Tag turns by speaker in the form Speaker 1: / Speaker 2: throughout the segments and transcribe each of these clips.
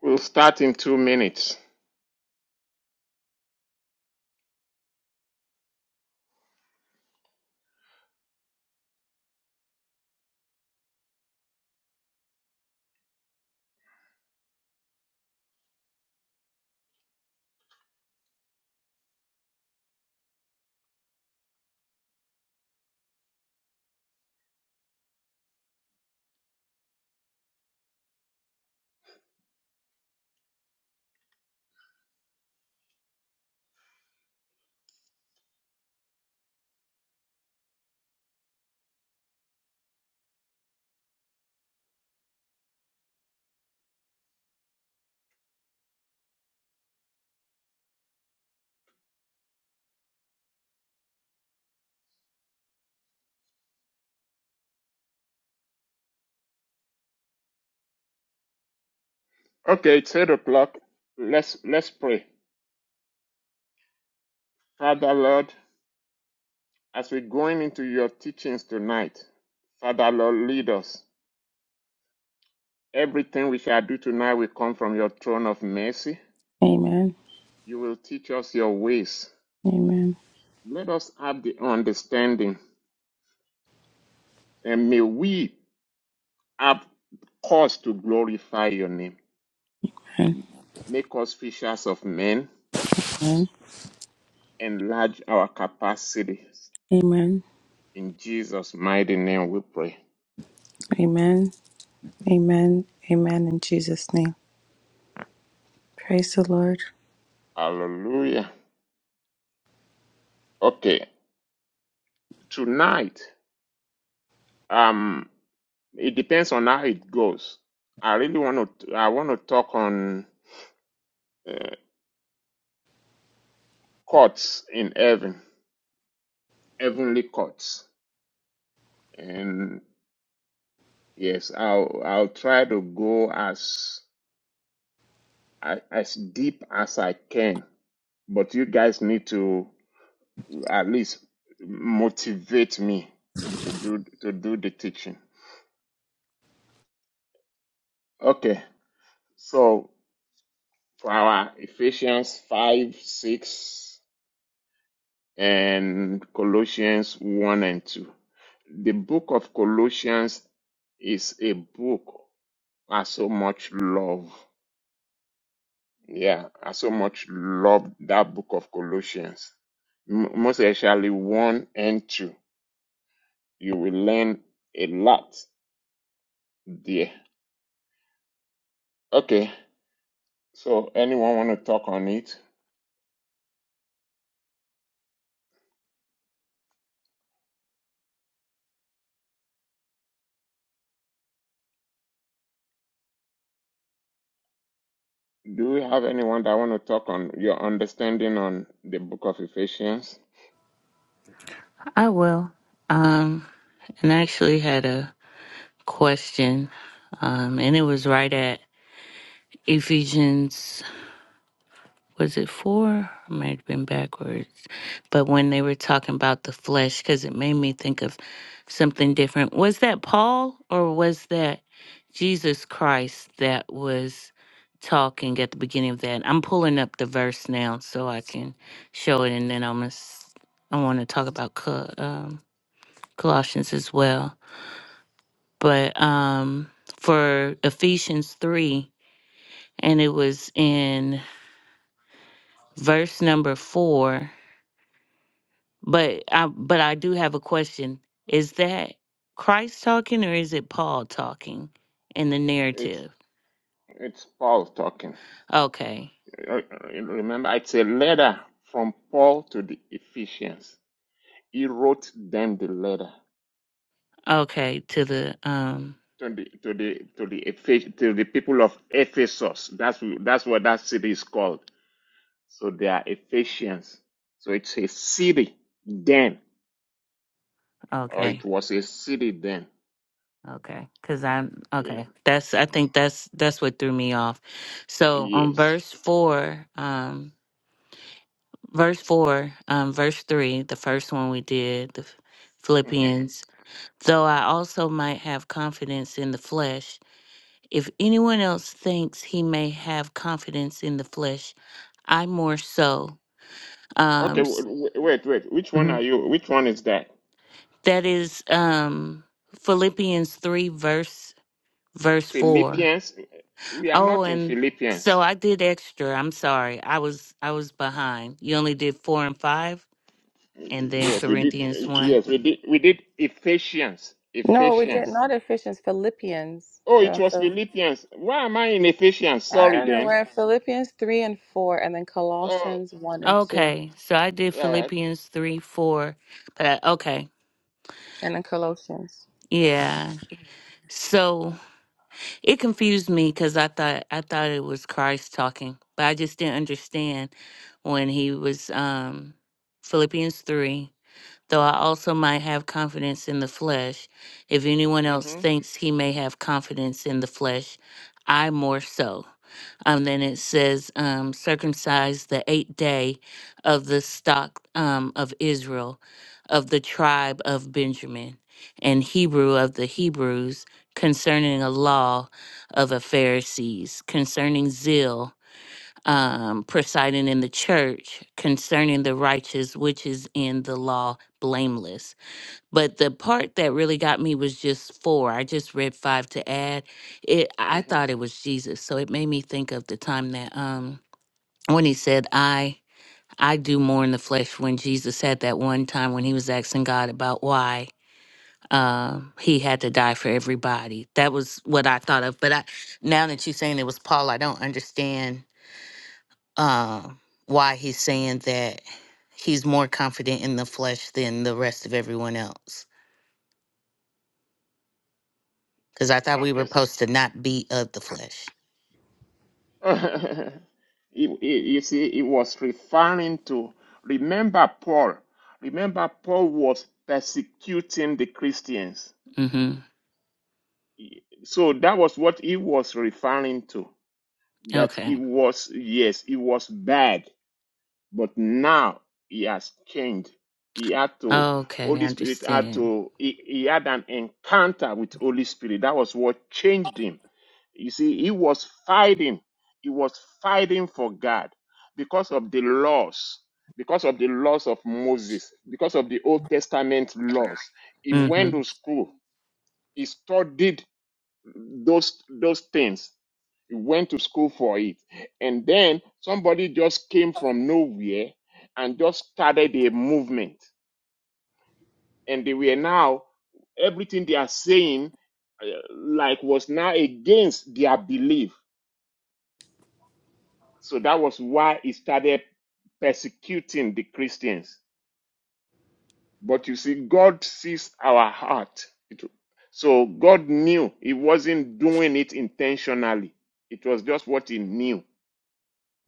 Speaker 1: We'll start in two minutes. Okay, it's eight o'clock. Let's let's pray. Father Lord, as we're going into your teachings tonight, Father Lord, lead us. Everything we shall do tonight will come from your throne of mercy.
Speaker 2: Amen.
Speaker 1: You will teach us your ways.
Speaker 2: Amen.
Speaker 1: Let us have the understanding, and may we have cause to glorify your name.
Speaker 2: Amen.
Speaker 1: Make us fishers of men.
Speaker 2: Amen.
Speaker 1: Enlarge our capacities. In Jesus' mighty name we pray.
Speaker 2: Amen. Amen. Amen. In Jesus' name. Praise the Lord.
Speaker 1: Hallelujah. Okay, tonight, um, it depends on how it goes. I really want to. I want to talk on uh, courts in heaven, heavenly courts, and yes, I'll I'll try to go as I- as deep as I can. But you guys need to at least motivate me to do to do the teaching. Okay, so for our Ephesians 5, 6, and Colossians 1 and 2. The book of Colossians is a book I so much love. Yeah, I so much love that book of Colossians. M- most especially 1 and 2. You will learn a lot there. Okay, so anyone want to talk on it? Do we have anyone that want to talk on your understanding on the book of Ephesians?
Speaker 3: I will. Um, and I actually had a question, um, and it was right at Ephesians, was it four? I might have been backwards. But when they were talking about the flesh, because it made me think of something different. Was that Paul or was that Jesus Christ that was talking at the beginning of that? I'm pulling up the verse now so I can show it, and then I'm gonna, s- I want to talk about Col- um, Colossians as well. but um for Ephesians 3 and it was in verse number 4 but I but I do have a question is that Christ talking or is it Paul talking in the
Speaker 1: It's
Speaker 3: narrative
Speaker 1: it's Paul talking.
Speaker 3: okay
Speaker 1: Uh, Remember, it's a letter from Paul to the Ephesians. He wrote them the letter
Speaker 3: okay to the um
Speaker 1: to the to the to the Ephes- to the people of Ephesus. That's wh- that's what that city is called. So they are Ephesians. So it's a city then, or it
Speaker 3: okay
Speaker 1: was a city then.
Speaker 3: okay cuz I'm
Speaker 1: Yeah.
Speaker 3: okay that's I think that's that's what threw me off so on
Speaker 1: Yes.
Speaker 3: verse 4 um verse 4 um verse 3 the first one we did the Ph-
Speaker 1: hmm
Speaker 3: philippians though i also might have confidence in the flesh if anyone else thinks he may have confidence in the flesh i more so
Speaker 1: Okay.
Speaker 3: um
Speaker 1: w-
Speaker 3: s-
Speaker 1: w- Wait. Wait. Which one are
Speaker 3: Mhm.
Speaker 1: you? Which one is that?
Speaker 3: that is um philippians 3 verse verse 4
Speaker 1: Philippians. We are
Speaker 3: oh
Speaker 1: not in
Speaker 3: and
Speaker 1: Philippians.
Speaker 3: so i did extra i'm sorry i was i was behind you only did 4 and 5 and then
Speaker 1: Yes, we
Speaker 3: corinthians
Speaker 1: did.
Speaker 3: 1
Speaker 1: Yes, we did. We did Ephesians.
Speaker 2: No, we did
Speaker 1: Ephesians.
Speaker 2: not Ephesians, Philippians.
Speaker 1: Oh,
Speaker 2: We're
Speaker 1: it
Speaker 2: also
Speaker 1: was Philippians. Why am I in Ephesians?
Speaker 2: I
Speaker 1: Sorry,
Speaker 2: don't know.
Speaker 1: then.
Speaker 2: We're at Philippians 3 and 4, and then
Speaker 1: Oh,
Speaker 2: Colossians 1 and 2,
Speaker 3: Okay, so I did
Speaker 1: yeah.
Speaker 3: Philippians 3 4. But I, okay,
Speaker 2: and then Colossians.
Speaker 3: yeah. So it confused me because I thought I thought it was Christ talking, but I just didn't understand when he was um Philippians 3. though I also might have confidence in the flesh. If anyone
Speaker 1: yeah.
Speaker 3: else
Speaker 1: Mm-hmm.
Speaker 3: thinks he may have confidence in the flesh, I more so. Um, then it says, um, circumcised the eighth day of the stock um, of Israel, of the tribe of Benjamin, and Hebrew of the Hebrews, concerning a law of the Pharisees, concerning zeal um, presiding in the church concerning the righteous, which is in the law, blameless. But the part that really got me was just four. I just read five to add. It. I
Speaker 1: Mm-hmm.
Speaker 3: thought it was Jesus, so it made me think of the time that um when he said, "I." I do more in the flesh when Jesus had that one time when he was asking God about why um, he had to die for everybody. That was what I thought of. But I, now that you're saying it was Paul, I don't understand uh, why he's saying that he's more confident in the flesh than the rest of everyone else. Because I thought we were
Speaker 1: Okay, so
Speaker 3: supposed to not be of the flesh.
Speaker 1: you you- you see, it was referring to. Remember Paul. Remember Paul was persecuting the Christians.
Speaker 3: hmm
Speaker 1: So that was what he was referring to. That it
Speaker 3: Okay.
Speaker 1: was yes, it was bad But now he has changed. He had to,
Speaker 3: Okay, I
Speaker 1: Holy Spirit had
Speaker 3: understand.
Speaker 1: to, he, he had an encounter with Holy Spirit. That was what changed him. You see, he was fighting. He was fighting for God because of the laws, because of the laws of Moses, because of the Old Testament laws. He
Speaker 3: hmm
Speaker 1: went to school. He studied those those things. He went to school for it. And then somebody just came from nowhere and just started a movement. And they were now, everything they are saying, uh, like, was now against their belief. So that was why he started persecuting the Christians. But you see, God sees our heart. It- So God knew he wasn't doing it intentionally, it was just what he knew.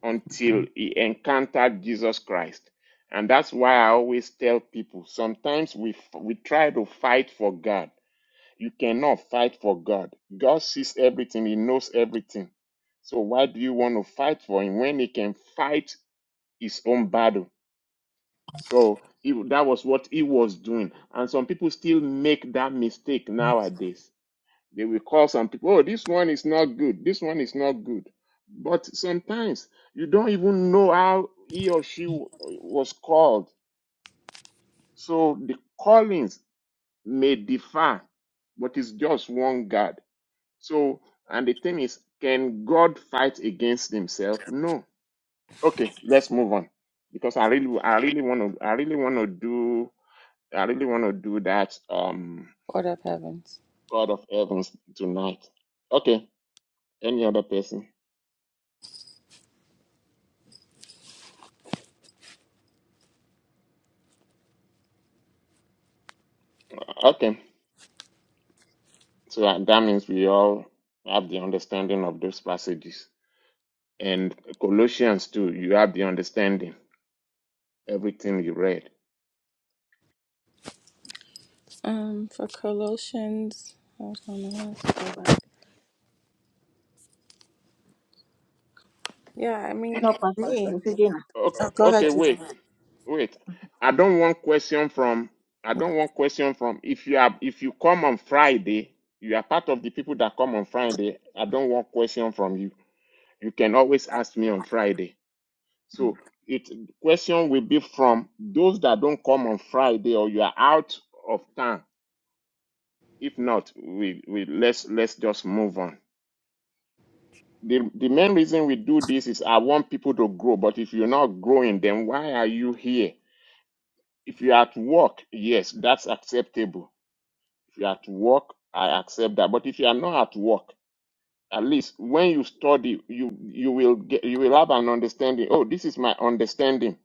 Speaker 1: until he encountered Jesus Christ. And that's why I always tell people sometimes we, f- we try to fight for God. You cannot fight for God. God sees everything, He knows everything. So why do you want to fight for Him when He can fight His own battle? So he, that was what He was doing. And some people still make that mistake nowadays they will call some people, oh, this one is not good. This one is not good. But sometimes you don't even know how he or she w- was called. So the callings may differ, but it's just one God. So, and the thing is, can God fight against himself? No. Okay, let's move on because I really, I really want to, I really want to do, I really want to do that. Um,
Speaker 2: Order of heavens.
Speaker 1: God of Heavens tonight. Okay, any other person? Okay. So that, that means we all have the understanding of those passages. And Colossians too, you have the understanding, everything you read.
Speaker 2: Um, for Colossians, hold on, let's go back. Yeah, I mean,
Speaker 4: Hello, Pastor.
Speaker 2: me.
Speaker 4: This is Gina.
Speaker 1: Okay,
Speaker 2: Oh, go ahead,
Speaker 1: okay,
Speaker 2: Jesus.
Speaker 1: wait, wait. I don't want question from I don't want question from if you are if you come on Friday, you are part of the people that come on Friday. I don't want question from you. You can always ask me on Friday. So it question will be from those that don't come on Friday or you are out of town If not, we, we let's let's just move on. The the main reason we do this is I want people to grow, but if you're not growing, then why are you here? If you're at work, yes, that's acceptable. If you're at work, I accept that. But if you are not at work, at least when you study, you you will get you will have an understanding. Oh, this is my understanding.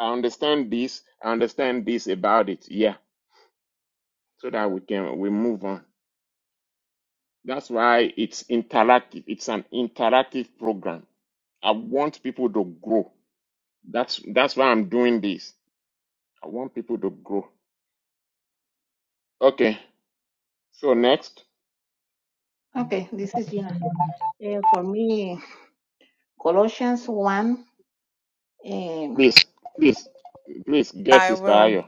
Speaker 1: I understand this, I understand this about it. Yeah. So that we can we move on. That's why it's interactive. It's an interactive program I want people to grow. That's that's why I'm doing this. I want people to grow. Okay. So next,
Speaker 4: Okay, this is Gina.
Speaker 5: Um,
Speaker 4: Eh, for me, Colossians 1, um,
Speaker 1: please, please, please get
Speaker 2: I
Speaker 1: Sister
Speaker 2: will.
Speaker 1: Ayo.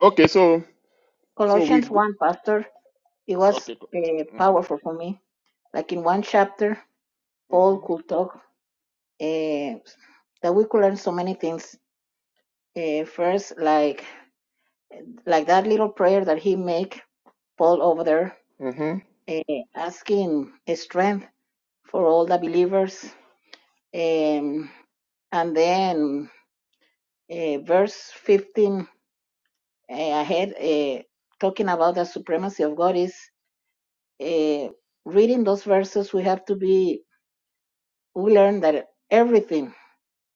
Speaker 1: Okay. So so we
Speaker 4: Colossians
Speaker 1: go.
Speaker 4: 1, Pastor, it was
Speaker 1: Okay. go-
Speaker 4: uh,
Speaker 1: Mhm.
Speaker 4: powerful for me. Like in one chapter, Paul
Speaker 1: Mhm.
Speaker 4: could talk uh, that we could learn so many things. Uh, first, like like that little prayer that he make Paul over there,
Speaker 1: Mhm.
Speaker 4: uh, asking strength for all the believers. Um, and then uh, verse 15 Eh, I uh, talking about the supremacy of God is uh, reading those verses. We have to be we learn that everything,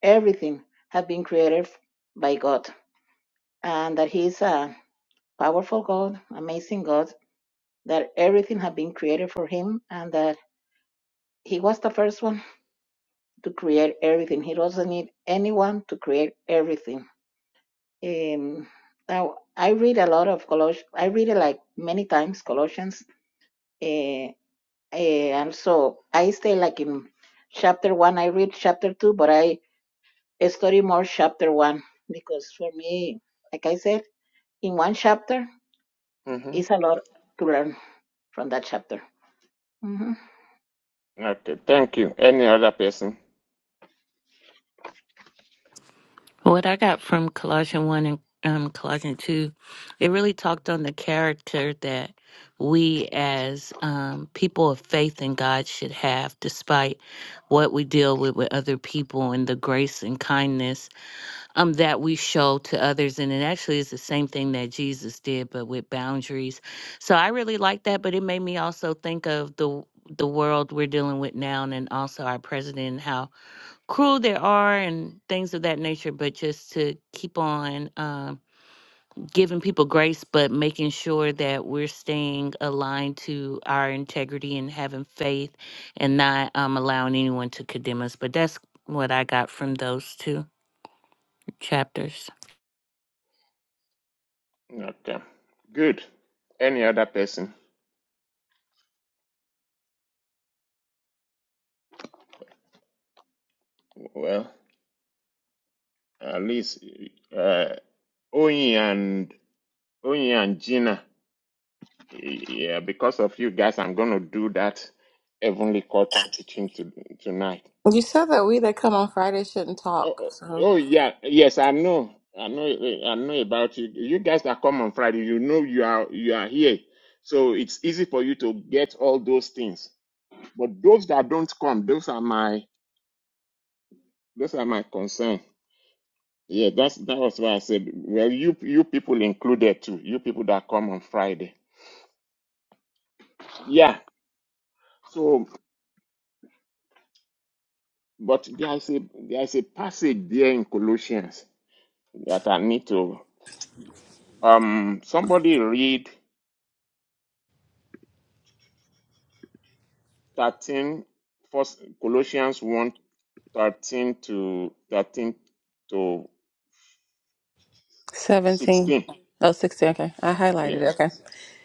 Speaker 4: everything, have been created by God, and that He is a powerful God, amazing God. That everything had been created for Him, and that He was the first one to create everything. He doesn't need anyone to create everything. Um, now I read a lot of Colossians. I read it like many times Colossians uh, And so I stay like in chapter one. I read chapter two, but I study more chapter one because for me, like I said, in one chapter
Speaker 1: Mhm.
Speaker 4: is a lot to learn from that chapter. hmm
Speaker 1: Okay. Thank you. Any other person?
Speaker 3: What I got from Colossians 1 and um, Colossians 2, it really talked on the character that we as um, people of faith in God should have, despite what we deal with with other people and the grace and kindness um, that we show to others. And it actually is the same thing that Jesus did, but with boundaries. So I really like that, but it made me also think of the the world we're dealing with now and also our president and how cruel they are and things of that nature but just to keep on um, giving people grace but making sure that we're staying aligned to our integrity and having faith and not um, allowing anyone to condemn us but that's what i got from those two chapters
Speaker 1: Okay. Good. Any other person? Well, at least uh, Oyin and Oyin and Gina. Yeah, because of you guys, I'm going to do that Heavenly Court teaching to, tonight.
Speaker 2: You said that we that come on Friday shouldn't
Speaker 1: Oh,
Speaker 2: talk.
Speaker 1: oh,
Speaker 2: so
Speaker 1: oh, yeah, yes, I know. I know I know about you. You guys that come on Friday, you know you are you are here. So it's easy for you to get all those things. But those that don't come, those are my those are my concern. Yeah, that's that was why I said well you you people included too, you people that come on Friday. Yeah. so. But there is a there is a passage there in Colossians that I need to um somebody read 13 first Colossians one 13 to 13 to
Speaker 2: 17.
Speaker 1: 16.
Speaker 2: Oh, sixteen. Okay. I highlighted
Speaker 1: Yes.
Speaker 2: it. Okay.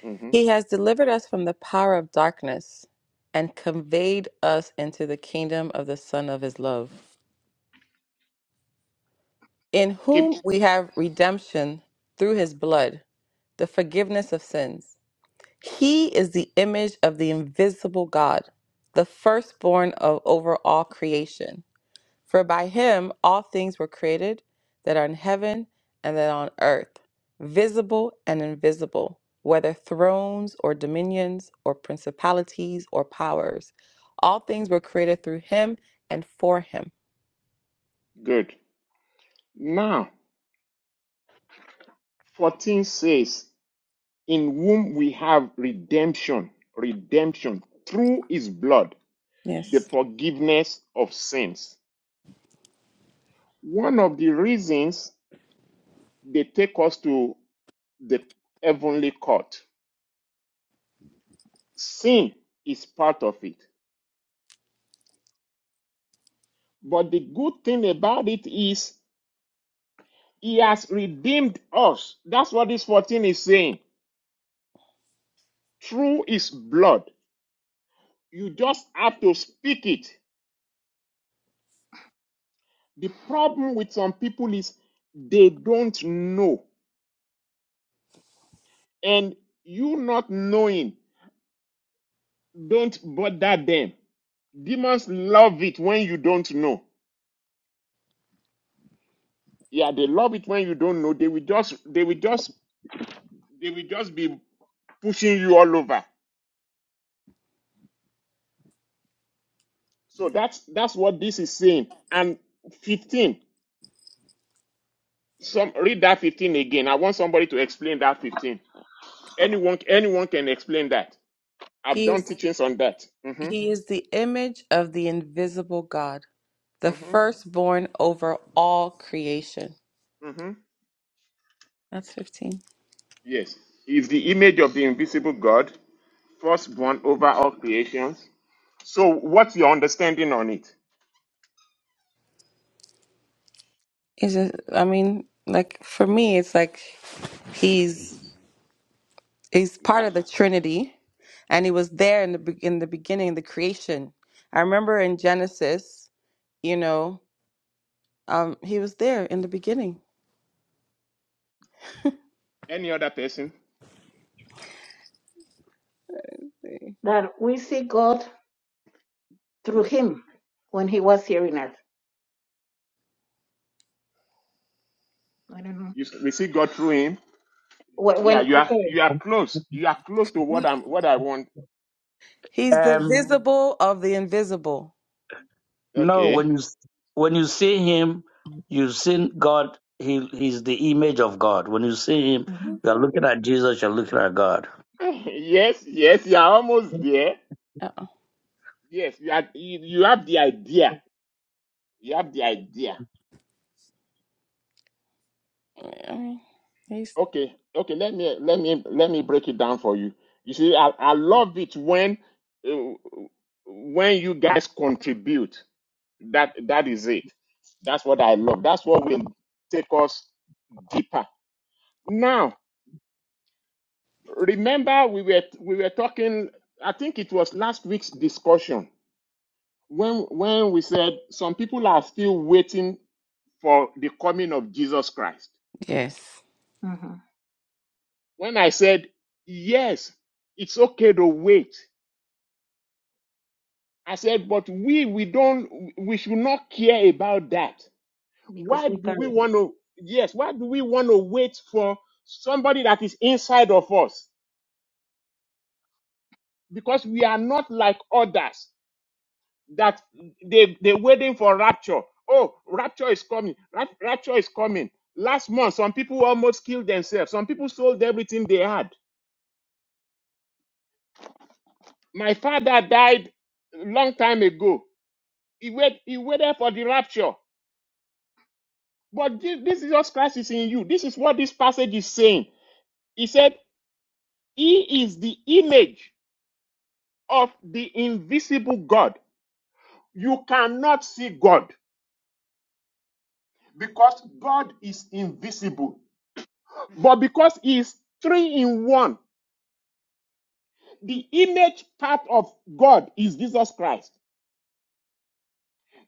Speaker 1: hmm
Speaker 2: He has delivered us from the power of darkness and conveyed us into the kingdom of the Son of his love, in whom
Speaker 1: Keep
Speaker 2: we have redemption through his blood, the forgiveness of sins. He is the image of the invisible God, the firstborn of over all creation. For by him all things were created that are in heaven and that are on earth, visible and invisible, whether thrones or dominions or principalities or powers. All things were created through him and for him.
Speaker 1: good. Now 14 says, In whom we have redemption, redemption through his blood, the
Speaker 2: Yes.
Speaker 1: forgiveness of sins. One of the reasons they take us to the heavenly court. Sin is part of it. But the good thing about it is he has redeemed us. That's what this 14 is saying. Through his blood. You just have to speak it. The problem with some people is they don't know. And you not knowing, don't bother them. Demons love it when you don't know. Yeah, they love it when you don't know. They will just they will just they will just be pushing you all over. So that's that's what this is saying. And 15, some read that 15 again. I want somebody to explain that 15. Anyone anyone can explain that. I've
Speaker 2: He
Speaker 1: done
Speaker 2: is
Speaker 1: teachings on that. hmm
Speaker 2: he is the image of the invisible God, the
Speaker 1: hmm
Speaker 2: firstborn over all creation.
Speaker 1: hmm
Speaker 2: That's 15.
Speaker 1: Yes. Is the image of the invisible God, firstborn over all creations. So what's your understanding on it?
Speaker 2: Is it I mean, like for me it's like he's He's part
Speaker 1: Uh,
Speaker 2: of the Trinity, and he was there in the be- in the beginning, the creation. I remember in Genesis, you know, um, he was there in the beginning.
Speaker 1: Any other person?
Speaker 4: That we see God through
Speaker 2: Mm.
Speaker 4: Him when He was here in earth. I don't know
Speaker 1: You, s- we see God through him.
Speaker 4: when. when
Speaker 1: Yeah, you are
Speaker 4: okay,
Speaker 1: you are close. You are close to what I'm what I want.
Speaker 2: He's the visible of the invisible.
Speaker 5: no,
Speaker 1: Okay.
Speaker 5: when you when you see him, you've seen God. He he's the image of God. When you see him,
Speaker 4: hmm
Speaker 5: you are
Speaker 2: Mhm.
Speaker 5: looking at Jesus. You're looking at God.
Speaker 1: yes, yes, you are almost there.
Speaker 2: Uh-uh.
Speaker 1: Yes, you are, you, you have the idea. You have the idea.
Speaker 2: I mean, He's
Speaker 1: Okay, okay. Let me let me let me break it down for you. You see, I, I love it when uh, when you guys contribute. That that is it. That's what I love. That's what will take us deeper. Now, remember we were we were talking. I think it was last week's discussion when when we said some people are still waiting for the coming of Jesus Christ.
Speaker 2: yes,
Speaker 4: hmm
Speaker 1: When I said, yes, it's okay to wait, I said, but we, we don't, we should not care about that.
Speaker 4: because
Speaker 1: Why
Speaker 4: we
Speaker 1: do we
Speaker 4: carry Him.
Speaker 1: want to, yes, why do we want to wait for somebody that is inside of us? Because we are not like others that they, they're waiting for rapture. Oh, rapture is coming. Rap- Rapture is coming. Last month, some people almost killed themselves. Some people sold everything they had My father died a long time ago. He, wait, he waited for the rapture. But this, this Jesus Christ is in you. This is what this passage is saying. He said, He is the image of the invisible God. You cannot see God because God is invisible. But because He is three in one, the image part of God is Jesus Christ.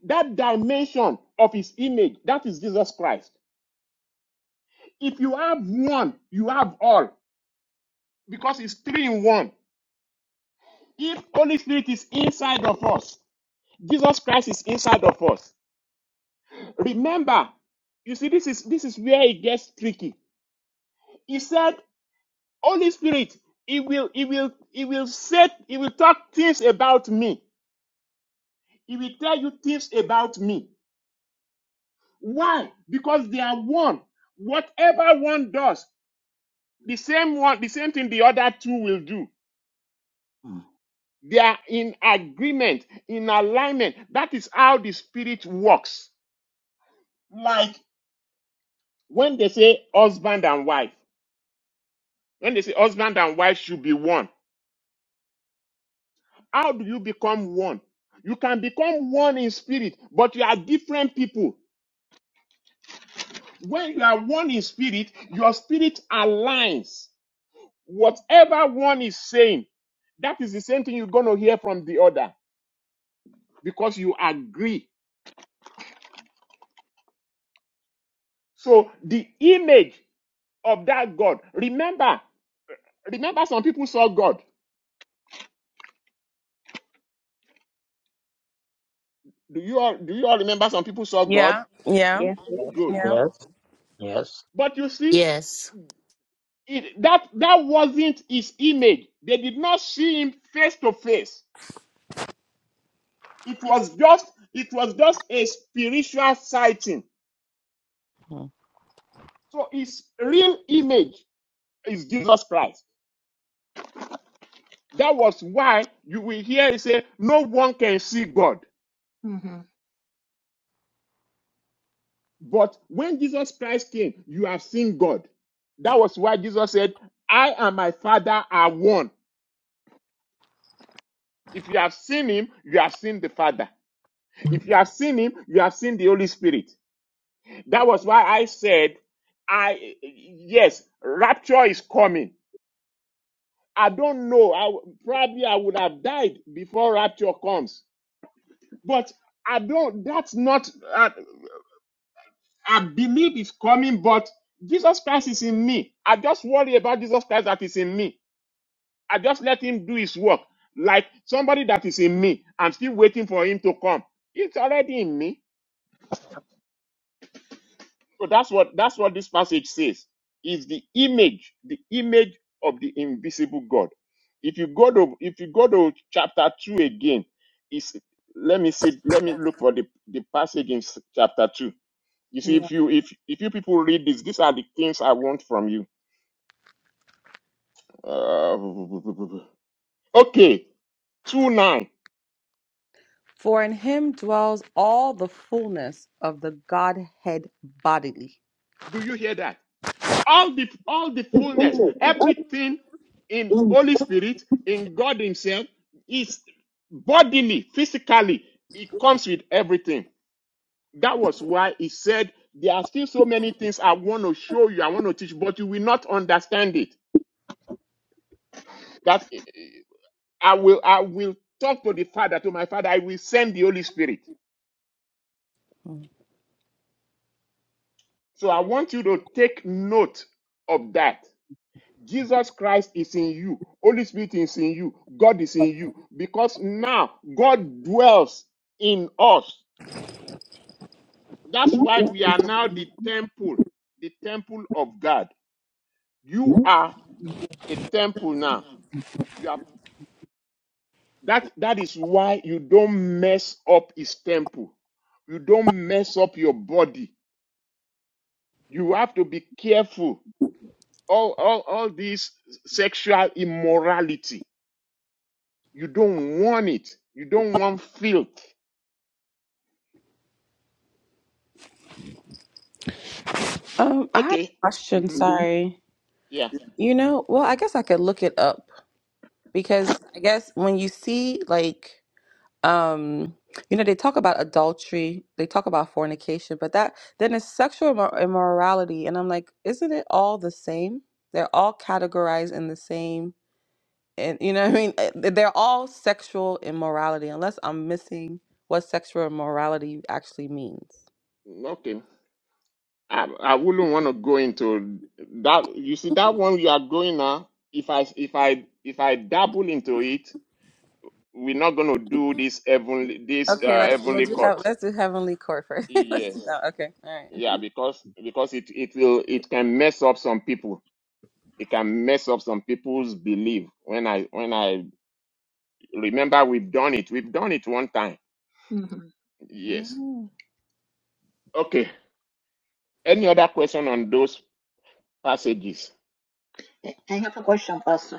Speaker 1: That dimension of His image, that is Jesus Christ. If you have one, you have all. because it's three in one. If Holy Spirit is inside of us, Jesus Christ is inside of us. Remember, you see, this is this is where it gets tricky. He said, Holy Spirit, he will he will he will say he will talk things about me. He will tell you things about me. Why? Because they are one. Whatever one does, the same one, the same thing the other two will do.
Speaker 5: Mm.
Speaker 1: They are in agreement, in alignment. That is how the spirit works. Like when they say husband and wife, when they say husband and wife should be one, how do you become one? You can become one in spirit, but you are different people. When you are one in spirit, your spirit aligns. Whatever one is saying, that is the same thing you're going to hear from the other because you agree. So the image of that God, remember, remember some people saw God. Do you all do you all remember some people saw God?
Speaker 2: yeah, yeah,
Speaker 4: Yes. yes.
Speaker 5: Yes.
Speaker 1: Good.
Speaker 2: yeah,
Speaker 5: Yes. Yes.
Speaker 1: But you see,
Speaker 3: Yes.
Speaker 1: It, that that wasn't his image. They did not see him face to face. It was just it was just a spiritual sighting.
Speaker 2: Mhm.
Speaker 1: So his real image is Jesus Christ. That was why you will hear it say, "No one can see God."
Speaker 4: hmm hmm
Speaker 1: But when Jesus Christ came, you have seen God. That was why Jesus said, "I and my Father are one." If you have seen Him, you have seen the Father. If you have seen Him, you have seen the Holy Spirit. That was why I said, I yes, rapture is coming. I don't know. I w- probably I would have died before rapture comes, but I don't. That's not. Uh, I believe it's coming, but Jesus Christ is in me. I just worry about Jesus Christ that is in me. I just let Him do His work. Like somebody that is in me, I'm still waiting for Him to come. It's already in me. So that's what that's what this passage says. Is the image, the image of the invisible God. If you go to if you go to chapter two again, is let me see, let me look for the, the passage in s- chapter two. You see,
Speaker 2: yeah.
Speaker 1: if you if if you people read this, these are the things I want from you. Uh, okay, two nine.
Speaker 2: For in him dwells all the fullness of the Godhead bodily.
Speaker 1: Do you hear that? all the all the fullness everything in holy spirit in god himself is bodily physically it comes with everything that was why he said there are still so many things i want to show you i want to teach but you will not understand it that eh, eh, i will i will talk to the father to my father i will send the holy spirit
Speaker 2: Mm.
Speaker 1: so i want you to take note of that Jesus Christ is in you. Holy Spirit is in you. God is in you. Because now God dwells in us. That's why we are now the temple, the temple of God. You are a temple now. You are that that is why you don't mess up his temple. You don't mess up your body. You have to be careful. All all, all this sexual immorality. You don't want it. You don't want filth.
Speaker 2: Um, I had
Speaker 1: Okay.
Speaker 2: a question. Mhm.
Speaker 1: Mm-hmm.
Speaker 2: Sorry.
Speaker 1: Yeah.
Speaker 2: You know, well, I guess I could look it up because I guess when you see like um you know they talk about adultery, they talk about fornication, but that then it's sexual immor- immorality and I'm like, isn't it all the same? They're all categorized in the same and you know what I mean? Uh, They're all sexual immorality unless I'm missing what sexual immorality actually means.
Speaker 1: Mm, Okay. I, I wouldn't want to go into that. You see that one you are going now. If I if I if I dabble into it, we're not going to do this heavenly this
Speaker 2: Okay,
Speaker 1: uh,
Speaker 2: let's we'll
Speaker 1: heavenly
Speaker 2: do,
Speaker 1: court.
Speaker 2: hea- let's do heavenly court first. let's do
Speaker 1: Yes.
Speaker 2: that. Okay. All
Speaker 1: Yeah. Because because it it will it can mess up some people. It can mess up some people's belief. When I when I remember we've done it. We've done it one time.
Speaker 4: hmm
Speaker 1: Yes.
Speaker 2: right.
Speaker 1: Okay. Any other question on those passages?
Speaker 4: I have a question, Pastor.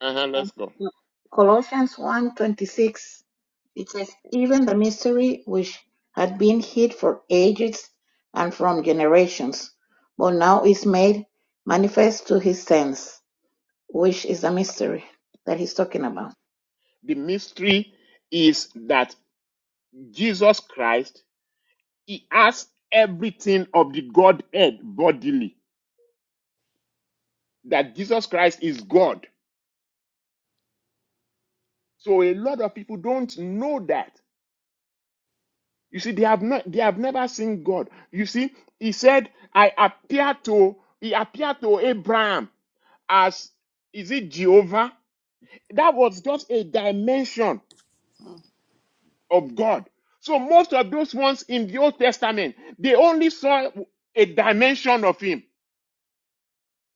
Speaker 1: Uh huh.
Speaker 4: And
Speaker 1: Let's go.
Speaker 4: uh, Colossians one twenty six. it says even the mystery which had been hid for ages and from generations but now is made manifest to his saints which is the mystery that he's talking about.
Speaker 1: The mystery is that Jesus Christ, he has everything of the Godhead bodily, that Jesus Christ is God. So a lot of people don't know that. You see, they have not they have never seen God. You see, he said, I appear to he appeared to Abraham as is it Jehovah? That was just a dimension of God. So most of those ones in the Old Testament, they only saw a dimension of him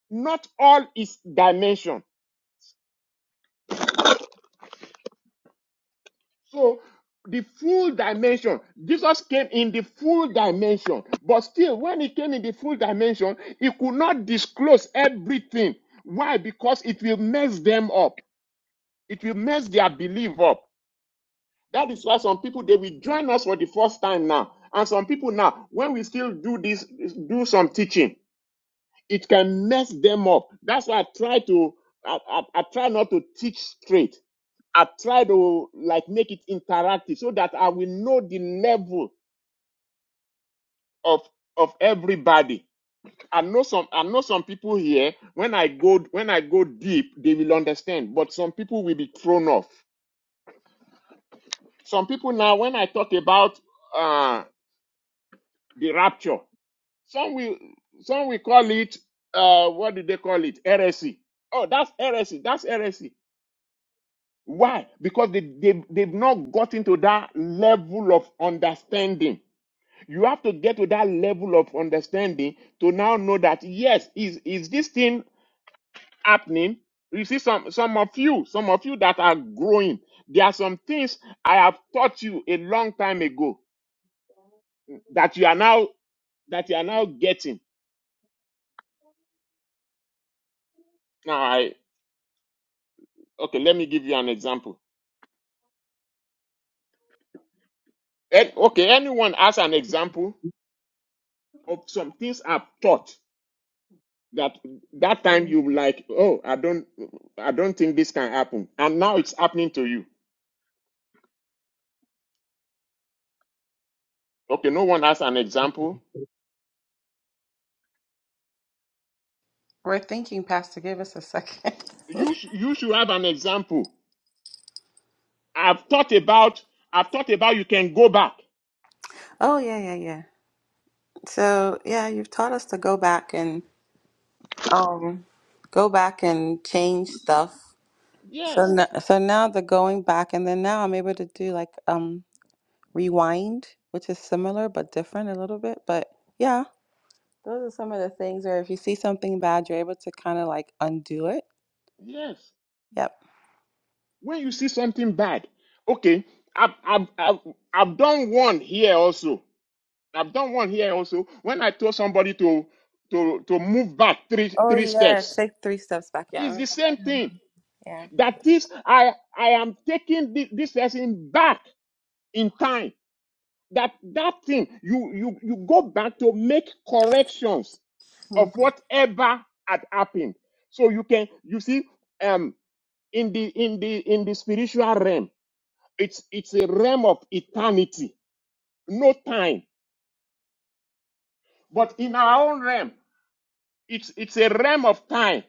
Speaker 1: not all is dimension. So the full dimension, Jesus came in the full dimension, but still, when he came in the full dimension, he could not disclose everything. Why? Because it will mess them up. It will mess their belief up. That is why some people they will join us for the first time now, and some people now, when we still do this, do some teaching, it can mess them up. That's why I try to, I, I I try not to teach straight. I try to like make it interactive so that I will know the level of of everybody. I know some I know some people here when I go when I go deep they will understand but some people will be thrown off. Some people now when I talk about uh the rapture some will some will call it uh what do they call it heresy. Oh that's heresy that's heresy. Why? Because they, they they've not gotten to that level of understanding You have to get to that level of understanding to now know that yes, is is this thing happening? You see, some some of you, some of you that are growing, there are some things I have taught you a long time ago that you are now that you are now getting. Now, I okay, let me give you an example. Eh, okay, anyone has an example of some things I've taught that that time you like, oh, I don't I don't think this can happen, and now it's happening to you Okay, no one has an example.
Speaker 2: We're thinking, Pastor, give us a second.
Speaker 1: You sh- you should have an example. I've thought about I've thought about you can go back.
Speaker 2: Oh, yeah, yeah, yeah. So, yeah, you've taught us to go back and um go back and change stuff. So
Speaker 1: Yes,
Speaker 2: now, so now the going back and then now I'm able to do like um rewind, which is similar but different a little bit, but yeah, those are some of the things where if you see something bad, you're able to kind of like undo it.
Speaker 1: yes.
Speaker 2: Yep.
Speaker 1: When you see something bad, okay. I've I've I've, I've done one here also. I've done one here also. When I told somebody to to to move back three
Speaker 2: Oh
Speaker 1: three
Speaker 2: yeah,
Speaker 1: steps,
Speaker 2: take three steps back. Yeah, I
Speaker 1: it's the
Speaker 2: remember.
Speaker 1: same
Speaker 4: Mhm.
Speaker 1: thing.
Speaker 2: Yeah.
Speaker 1: That is, I I am taking thi- this person back in time. that that thing you you you go back to make corrections of
Speaker 2: Mm.
Speaker 1: whatever had happened so you can you see um in the in the in the spiritual realm it's it's a realm of eternity no time but in our own realm it's it's a realm of time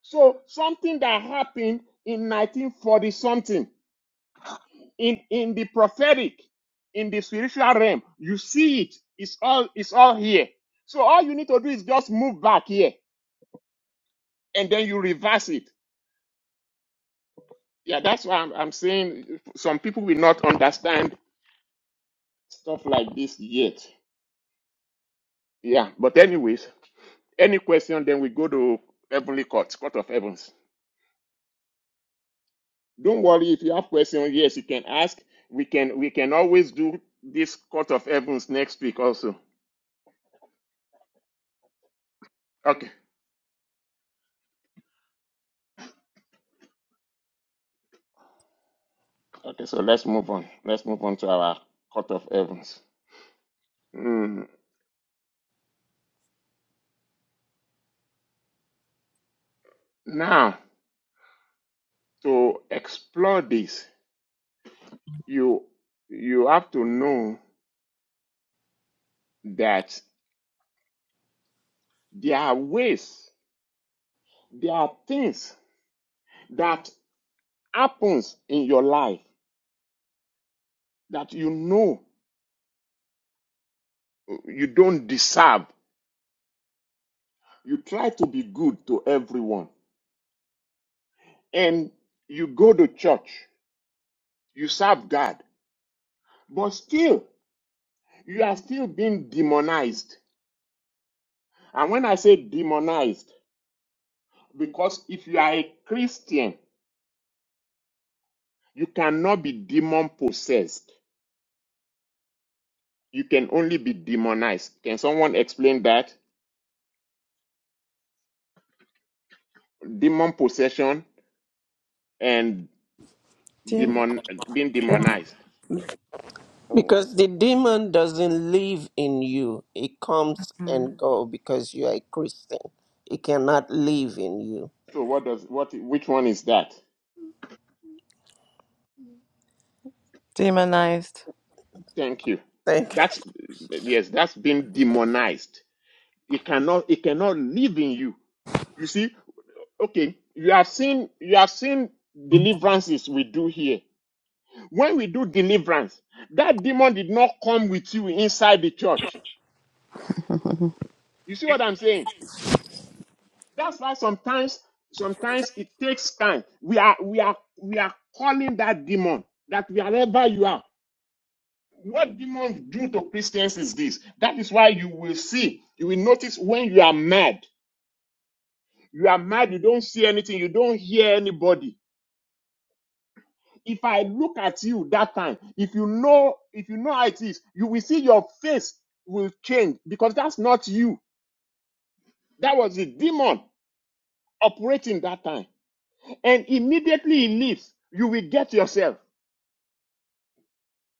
Speaker 1: so something that happened in 1940 something in in the prophetic in the spiritual realm you see it it's all it's all here so all you need to do is just move back here and then you reverse it yeah that's why i'm, I'm saying some people will not understand stuff like this yet yeah but anyways any question then we go to heavenly court court of heavens don't worry if you have questions yes you can ask we can we can always do this court of heavens next week also okay Okay, so let's move on. Let's move on to our court of heavens. Mm, Now, to explore this, you you have to know that there are ways, there are things that happens in your life that you know you don't deserve. You try to be good to everyone, and you go to church, you serve God, but still you are still being demonized. And when I say demonized, Because if you are a Christian, you cannot be demon possessed. You can only be demonized. Can someone explain that? Demon possession and
Speaker 2: Dem-
Speaker 1: demon being
Speaker 2: dem-
Speaker 1: demonized.
Speaker 6: Because the demon doesn't live in you. It comes
Speaker 2: Mm.
Speaker 6: and go because you are a Christian. It cannot live in you.
Speaker 1: So what does what which one is that?
Speaker 2: demonized.
Speaker 1: Thank you.
Speaker 6: Thank you.
Speaker 1: That's yes, that's being demonized. It cannot it cannot live in you. You see, okay, you have seen you have seen deliverances we do here. When we do deliverance, that demon did not come with you inside the church. You see what I'm saying? That's why sometimes, sometimes it takes time. We are, we are, we are calling that demon that wherever you are, what demons do to Christians is this. That is why you will see, you will notice when you are mad, you are mad, you don't see anything, you don't hear anybody. If I look at you that time, if you know, if you know how it is, you will see your face will change because that's not you. That was the demon operating that time. And immediately he leaves, you will get yourself.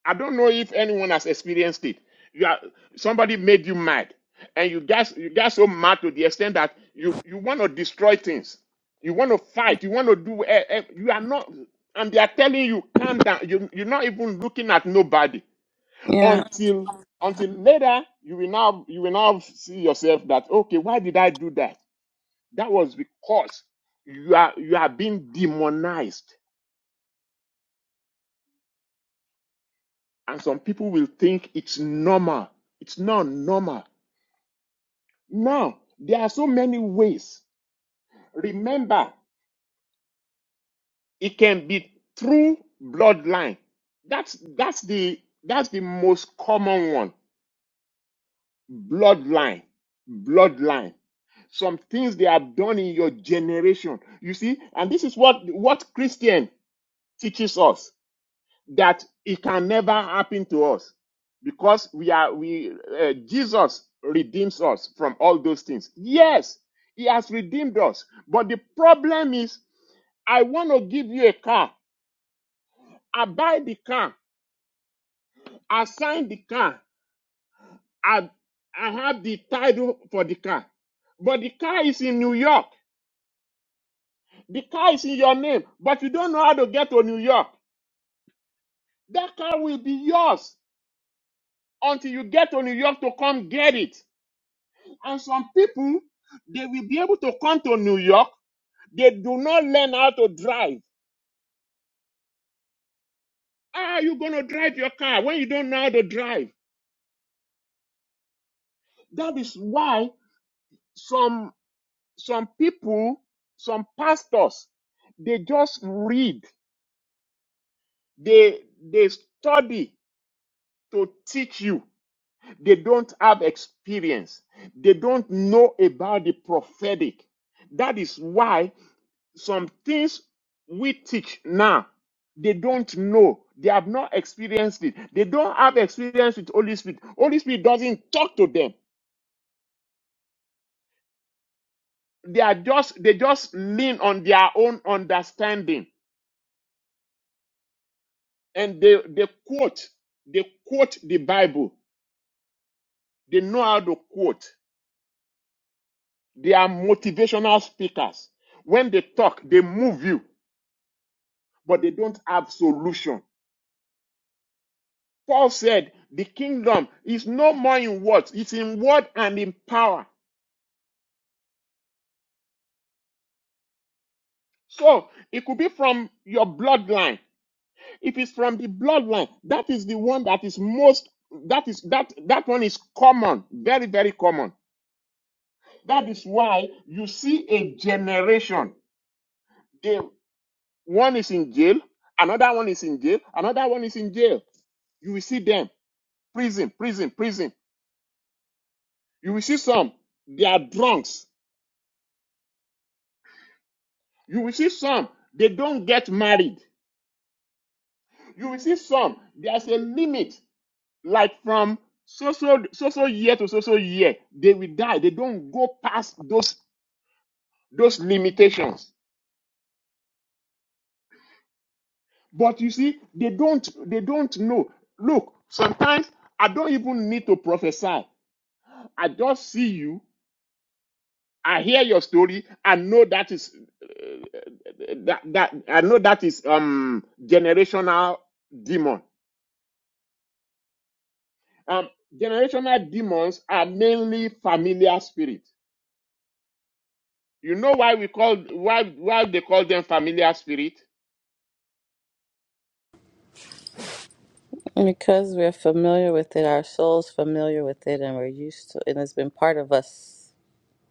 Speaker 1: I don't know if anyone has experienced it. You are, somebody made you mad, and you got you got so mad to the extent that you you want to destroy things, you want to fight, you want to do. eh, eh, you are not, and they are telling you calm down. You you're not even looking at nobody
Speaker 2: Yeah.
Speaker 1: until until later you will now you will now see yourself that okay why did I do that That was because you are you are being demonized, and some people will think it's normal. It's not normal. Now there are so many ways. Remember, it can be through bloodline. That's that's the that's the most common one. Bloodline, bloodline. Some things they have done in your generation. You see, and this is what what Christian teaches us. that it can never happen to us because we are we uh, Jesus redeems us from all those things. Yes, he has redeemed us. But the problem is I want to give you a car. I buy the car. I sign the car. I I have the title for the car. But the car is in New York. The car is in your name, but you don't know how to get to New York. That car will be yours until you get to New York to come get it. And some people, they will be able to come to New York. They do not learn how to drive. How are you going to drive your car when you don't know how to drive? That is why some some people, some pastors, they just read. They they study to teach you. They don't have experience. They don't know about the prophetic. That is why some things we teach now they don't know they have not experienced it they don't have experience with holy spirit holy spirit doesn't talk to them they are just they just lean on their own understanding and they they quote they quote the bible they know how to quote they are motivational speakers when they talk they move you but they don't have solution paul said the kingdom is no more in words it's in word and in power So it could be from your bloodline. If it's from the bloodline, that is the one that is most that is that that one is common, very very common. That is why you see a generation. They, one is in jail, another one is in jail, another one is in jail. You will see them prison, prison, prison. You will see some they are drunks. You will see some they don't get married. You will see some there's a limit like from so so so so year to so so year they will die they don't go past those those limitations but you see they don't they don't know look sometimes i don't even need to prophesy i just see you i hear your story i know that is uh, that that i know that is um generational demon um generational demons are mainly familiar spirits. You know why we call why why they call them familiar spirit
Speaker 2: Because we're familiar with it, our soul's familiar with it, and we're used to it, and it's been part of us.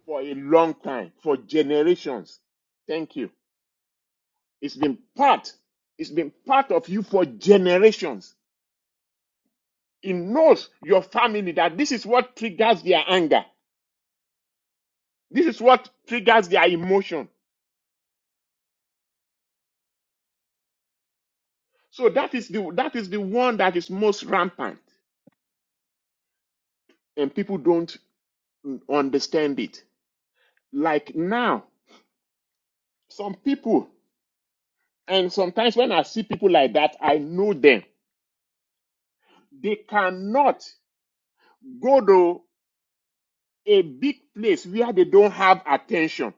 Speaker 1: for a long time, for generations. Thank you. It's been part. It's been part of you for generations. It knows your family that this is what triggers their anger. This is what triggers their emotion. So that is the that is the one that is most rampant, and people don't mm, understand it. Like now, some people, and sometimes when I see people like that, I know them. They cannot go to a big place where they don't have attention,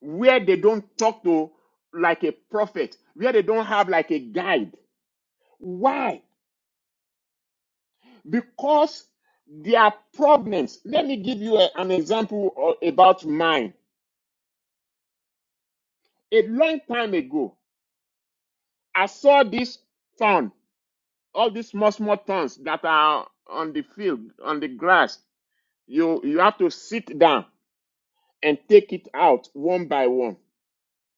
Speaker 1: where they don't talk to like a prophet, where they don't have like a guide. Why? Because their problems. Let me give you a- an example about mine. A long time ago, I saw this thorn, all these small, small thorns that are on the field, on the grass. You, you have to sit down and take it out one by one.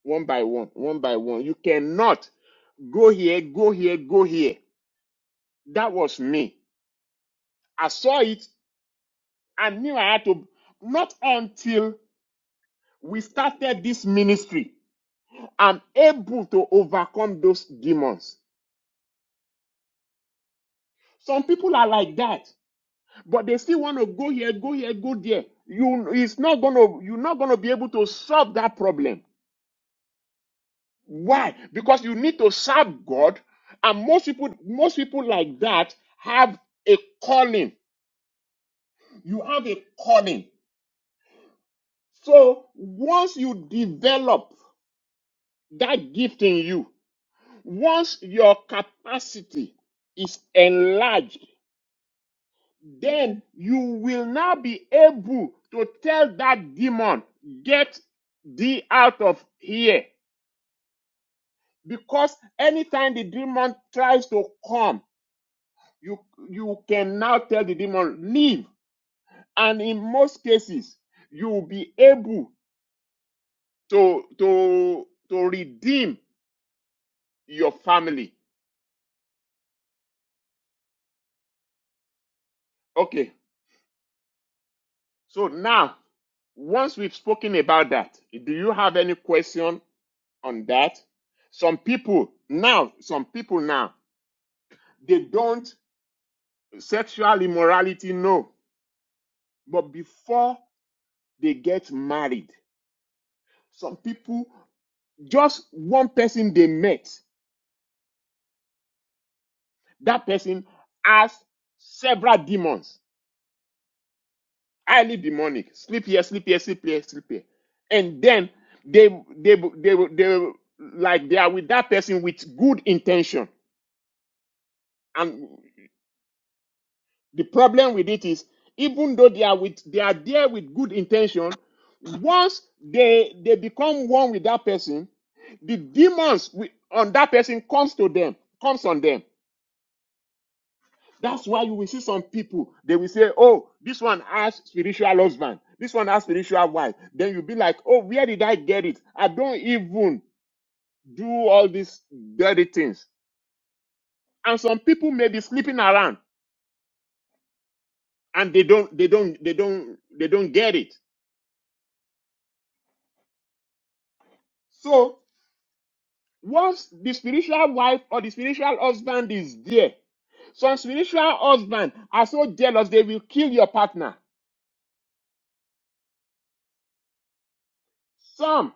Speaker 1: one by one, one by one. You cannot go here, go here, go here. That was me. I saw it. I knew I had to. Not until we started this ministry, I'm able to overcome those demons. Some people are like that, but they still want to go here, go here, go there. You, it's not gonna, you're not gonna be able to solve that problem. Why? Because you need to serve God, and most people, most people like that have a calling You have a calling. So once you develop that gift in you, once your capacity is enlarged, then you will now be able to tell that demon, get thee out of here. Because anytime the demon tries to come, you, you can now tell the demon, leave. And in most cases, you will be able to, to, to redeem your family. Okay. So now, once we've spoken about that, do you have any question on that? Some people now, some people now, they don't sexual immorality, no. But before they get married, some people, just one person they met, that person has several demons. highly demonic. Sleep here, sleep here, sleep here, sleep here. And then they they they they, they like they are with that person with good intention. And the problem with it is even though they are with they are there with good intention, once they they become one with that person, the demons wi- on that person comes to them, comes on them. That's why you will see some people, they will say, Oh, this one has spiritual husband, this one has spiritual wife. Then you'll be like, Oh, where did I get it? I don't even do all these dirty things. And some people may be sleeping around and they don't they don't they don't they don't get it. So once the spiritual wife or the spiritual husband is there, some spiritual husband are so jealous they will kill your partner. Some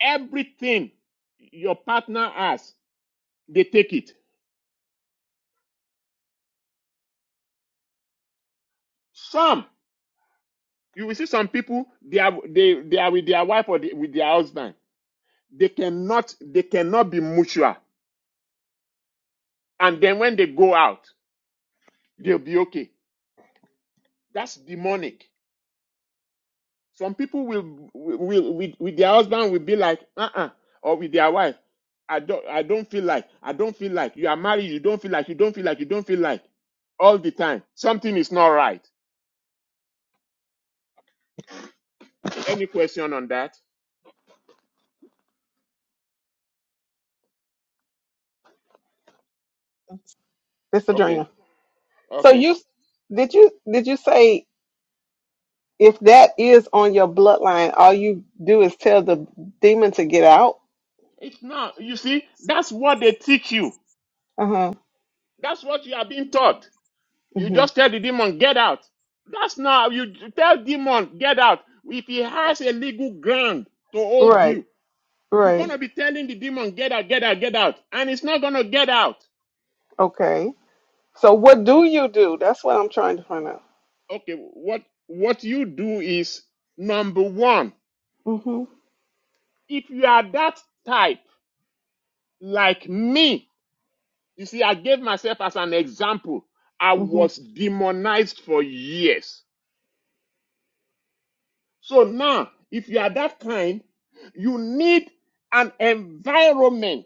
Speaker 1: everything your partner has, they take it. Some, you will see some people, they are they, they are with their wife or they, with their husband. They cannot they cannot be mutual. And then when they go out, they'll be okay. That's demonic. Some people will will with, with their husband will be like, uh-uh, or with their wife. I don't I don't feel like I don't feel like you are married, you don't feel like you don't feel like you don't feel like all the time. Something is not right. Any question on that?
Speaker 7: This
Speaker 1: Okay.
Speaker 7: Adrena. So
Speaker 1: Okay.
Speaker 7: you did you did you say if that is on your bloodline, all you do is tell the demon to get out?
Speaker 1: It's not. You see, that's what they teach you.
Speaker 7: Uh huh.
Speaker 1: That's what you are being taught. You
Speaker 7: hmm
Speaker 1: just tell the demon, get out. That's not, you tell demon, get out. If he has a legal ground to hold
Speaker 7: Right.
Speaker 1: you, you're going
Speaker 7: Right.
Speaker 1: to be telling the demon, get out, get out, get out. And it's not going to get out.
Speaker 7: Okay. So what do you do? That's what I'm trying to find out.
Speaker 1: Okay, what, what you do is number one,
Speaker 7: Mm-hmm.
Speaker 1: if you are that type like me, you see, I gave myself as an example. I was
Speaker 7: Mm-hmm.
Speaker 1: demonized for years. So now, if you are that kind, you need an environment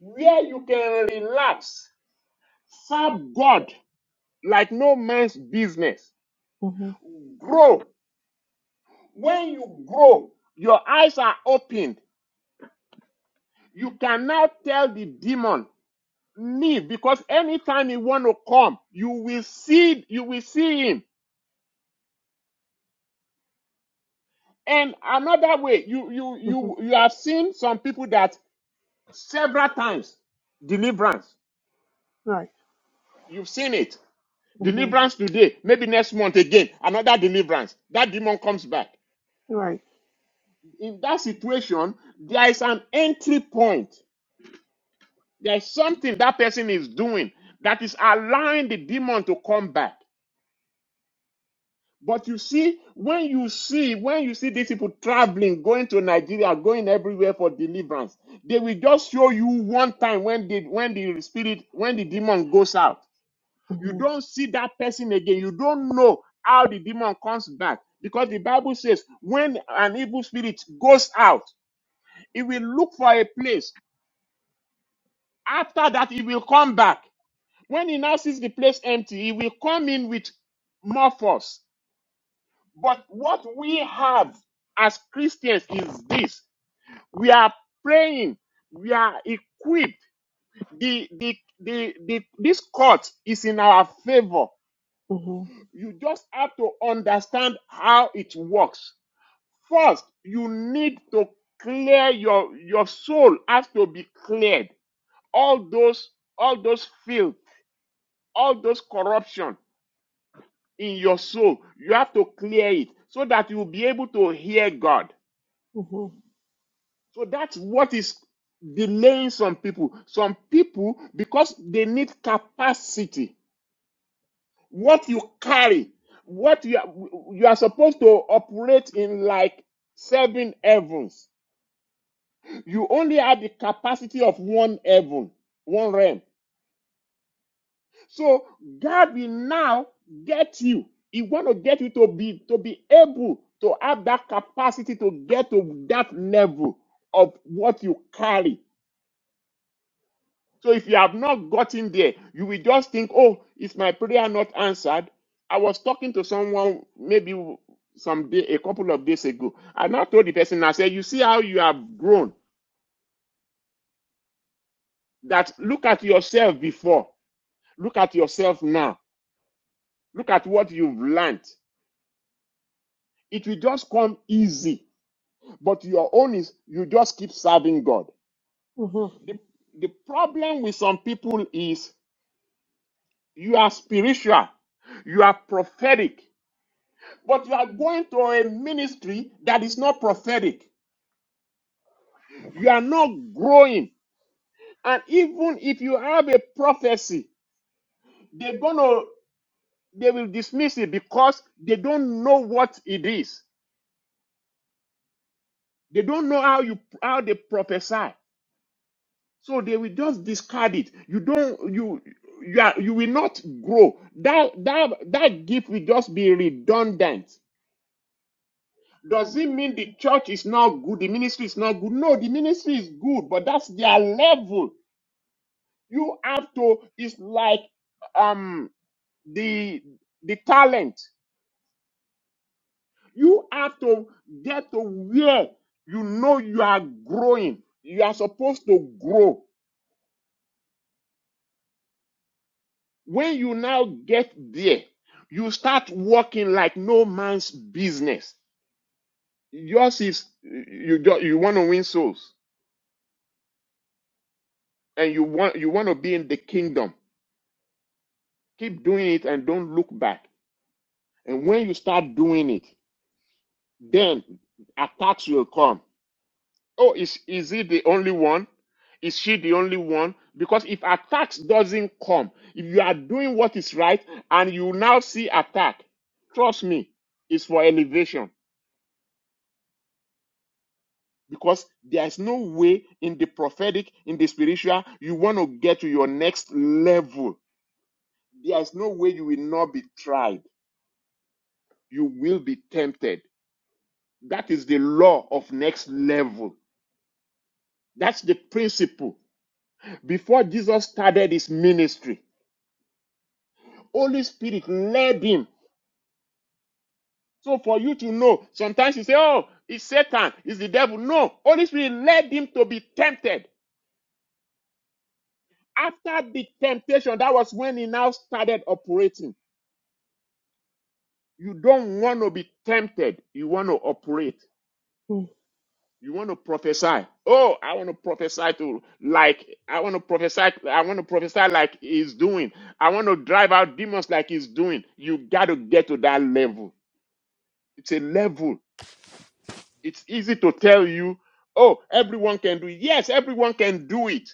Speaker 1: where you can relax, serve God like no man's business,
Speaker 7: Mm-hmm.
Speaker 1: grow. When you grow, your eyes are opened. You can now tell the demon, leave, because anytime you want to come, you will see, you will see him. And another way, you you
Speaker 7: Mm-hmm.
Speaker 1: you you have seen some people that several times deliverance.
Speaker 7: Right.
Speaker 1: You've seen it.
Speaker 7: Mm-hmm.
Speaker 1: Deliverance today, maybe next month again, another deliverance. That demon comes back.
Speaker 7: Right.
Speaker 1: In that situation, there is an entry point. There's something that person is doing that is allowing the demon to come back. But you see, when you see, when you see these people traveling, going to Nigeria, going everywhere for deliverance, they will just show you one time when the when the spirit, when the demon goes out. You
Speaker 7: Mm-hmm.
Speaker 1: don't see that person again. You don't know how the demon comes back because the Bible says when an evil spirit goes out, it will look for a place. After that, it will come back. When he now sees the place empty, he will come in with more force. But what we have as Christians is this we are praying, we are equipped. The, the, the, the, this court is in our favor
Speaker 7: Mm-hmm.
Speaker 1: You just have to understand how it works. First, you need to clear your your soul has to be cleared. All those all those filth, all those corruption in your soul, you have to clear it so that you'll be able to hear God.
Speaker 7: Mm-hmm.
Speaker 1: So that's what is delaying some people. Some people because they need capacity what you carry, what you are, you are supposed to operate in like seven heavens. You only have the capacity of one heaven, one realm. So God will now get you. He want to get you to be to be able to have that capacity to get to that level of what you carry. So if you have not gotten there, you will just think, oh, is my prayer not answered? I was talking to someone maybe some day, a couple of days ago, and I told the person, I said, you see how you have grown. That look at yourself before, look at yourself now, look at what you've learned. It will just come easy, but your own is you just keep serving God.
Speaker 7: Mm-hmm.
Speaker 1: The, the problem with some people is you are spiritual, you are prophetic, But you are going to a ministry that is not prophetic. You are not growing. And even if you have a prophecy, they're gonna they will dismiss it because they don't know what it is. They don't know how you how they prophesy. So they will just discard it. You don't you you are, you will not grow. That that that gift will just be redundant. Does it mean the church is not good? The ministry is not good? No, the ministry is good, but that's their level. You have to, it's like um the the talent. You have to get to where you know you are growing. You are supposed to grow. When you now get there, you start working like no man's business. Yours is you ju- you want to win souls and you want you want to be in the kingdom. Keep doing it and don't look back. And when you start doing it, then attacks will come Oh, is is he the only one? Is she the only one? Because if attack doesn't come, if you are doing what is right and you now see attack, trust me, it's for elevation. Because there is no way in the prophetic, in the spiritual, you want to get to your next level. There is no way you will not be tried. You will be tempted. That is the law of next level. That's the principle. Before Jesus started his ministry, Holy Spirit led him. So for you to know, sometimes you say, oh, it's Satan, it's the devil. No, Holy Spirit led him to be tempted. After the temptation, that was when he now started operating. You don't want to be tempted. You want to operate. You want to prophesy. Oh, I want to prophesy to like I want to prophesy. I want to prophesy like he's doing. I want to drive out demons like he's doing. You got to get to that level. It's a level It's easy to tell you, oh, everyone can do it. Yes, everyone can do it.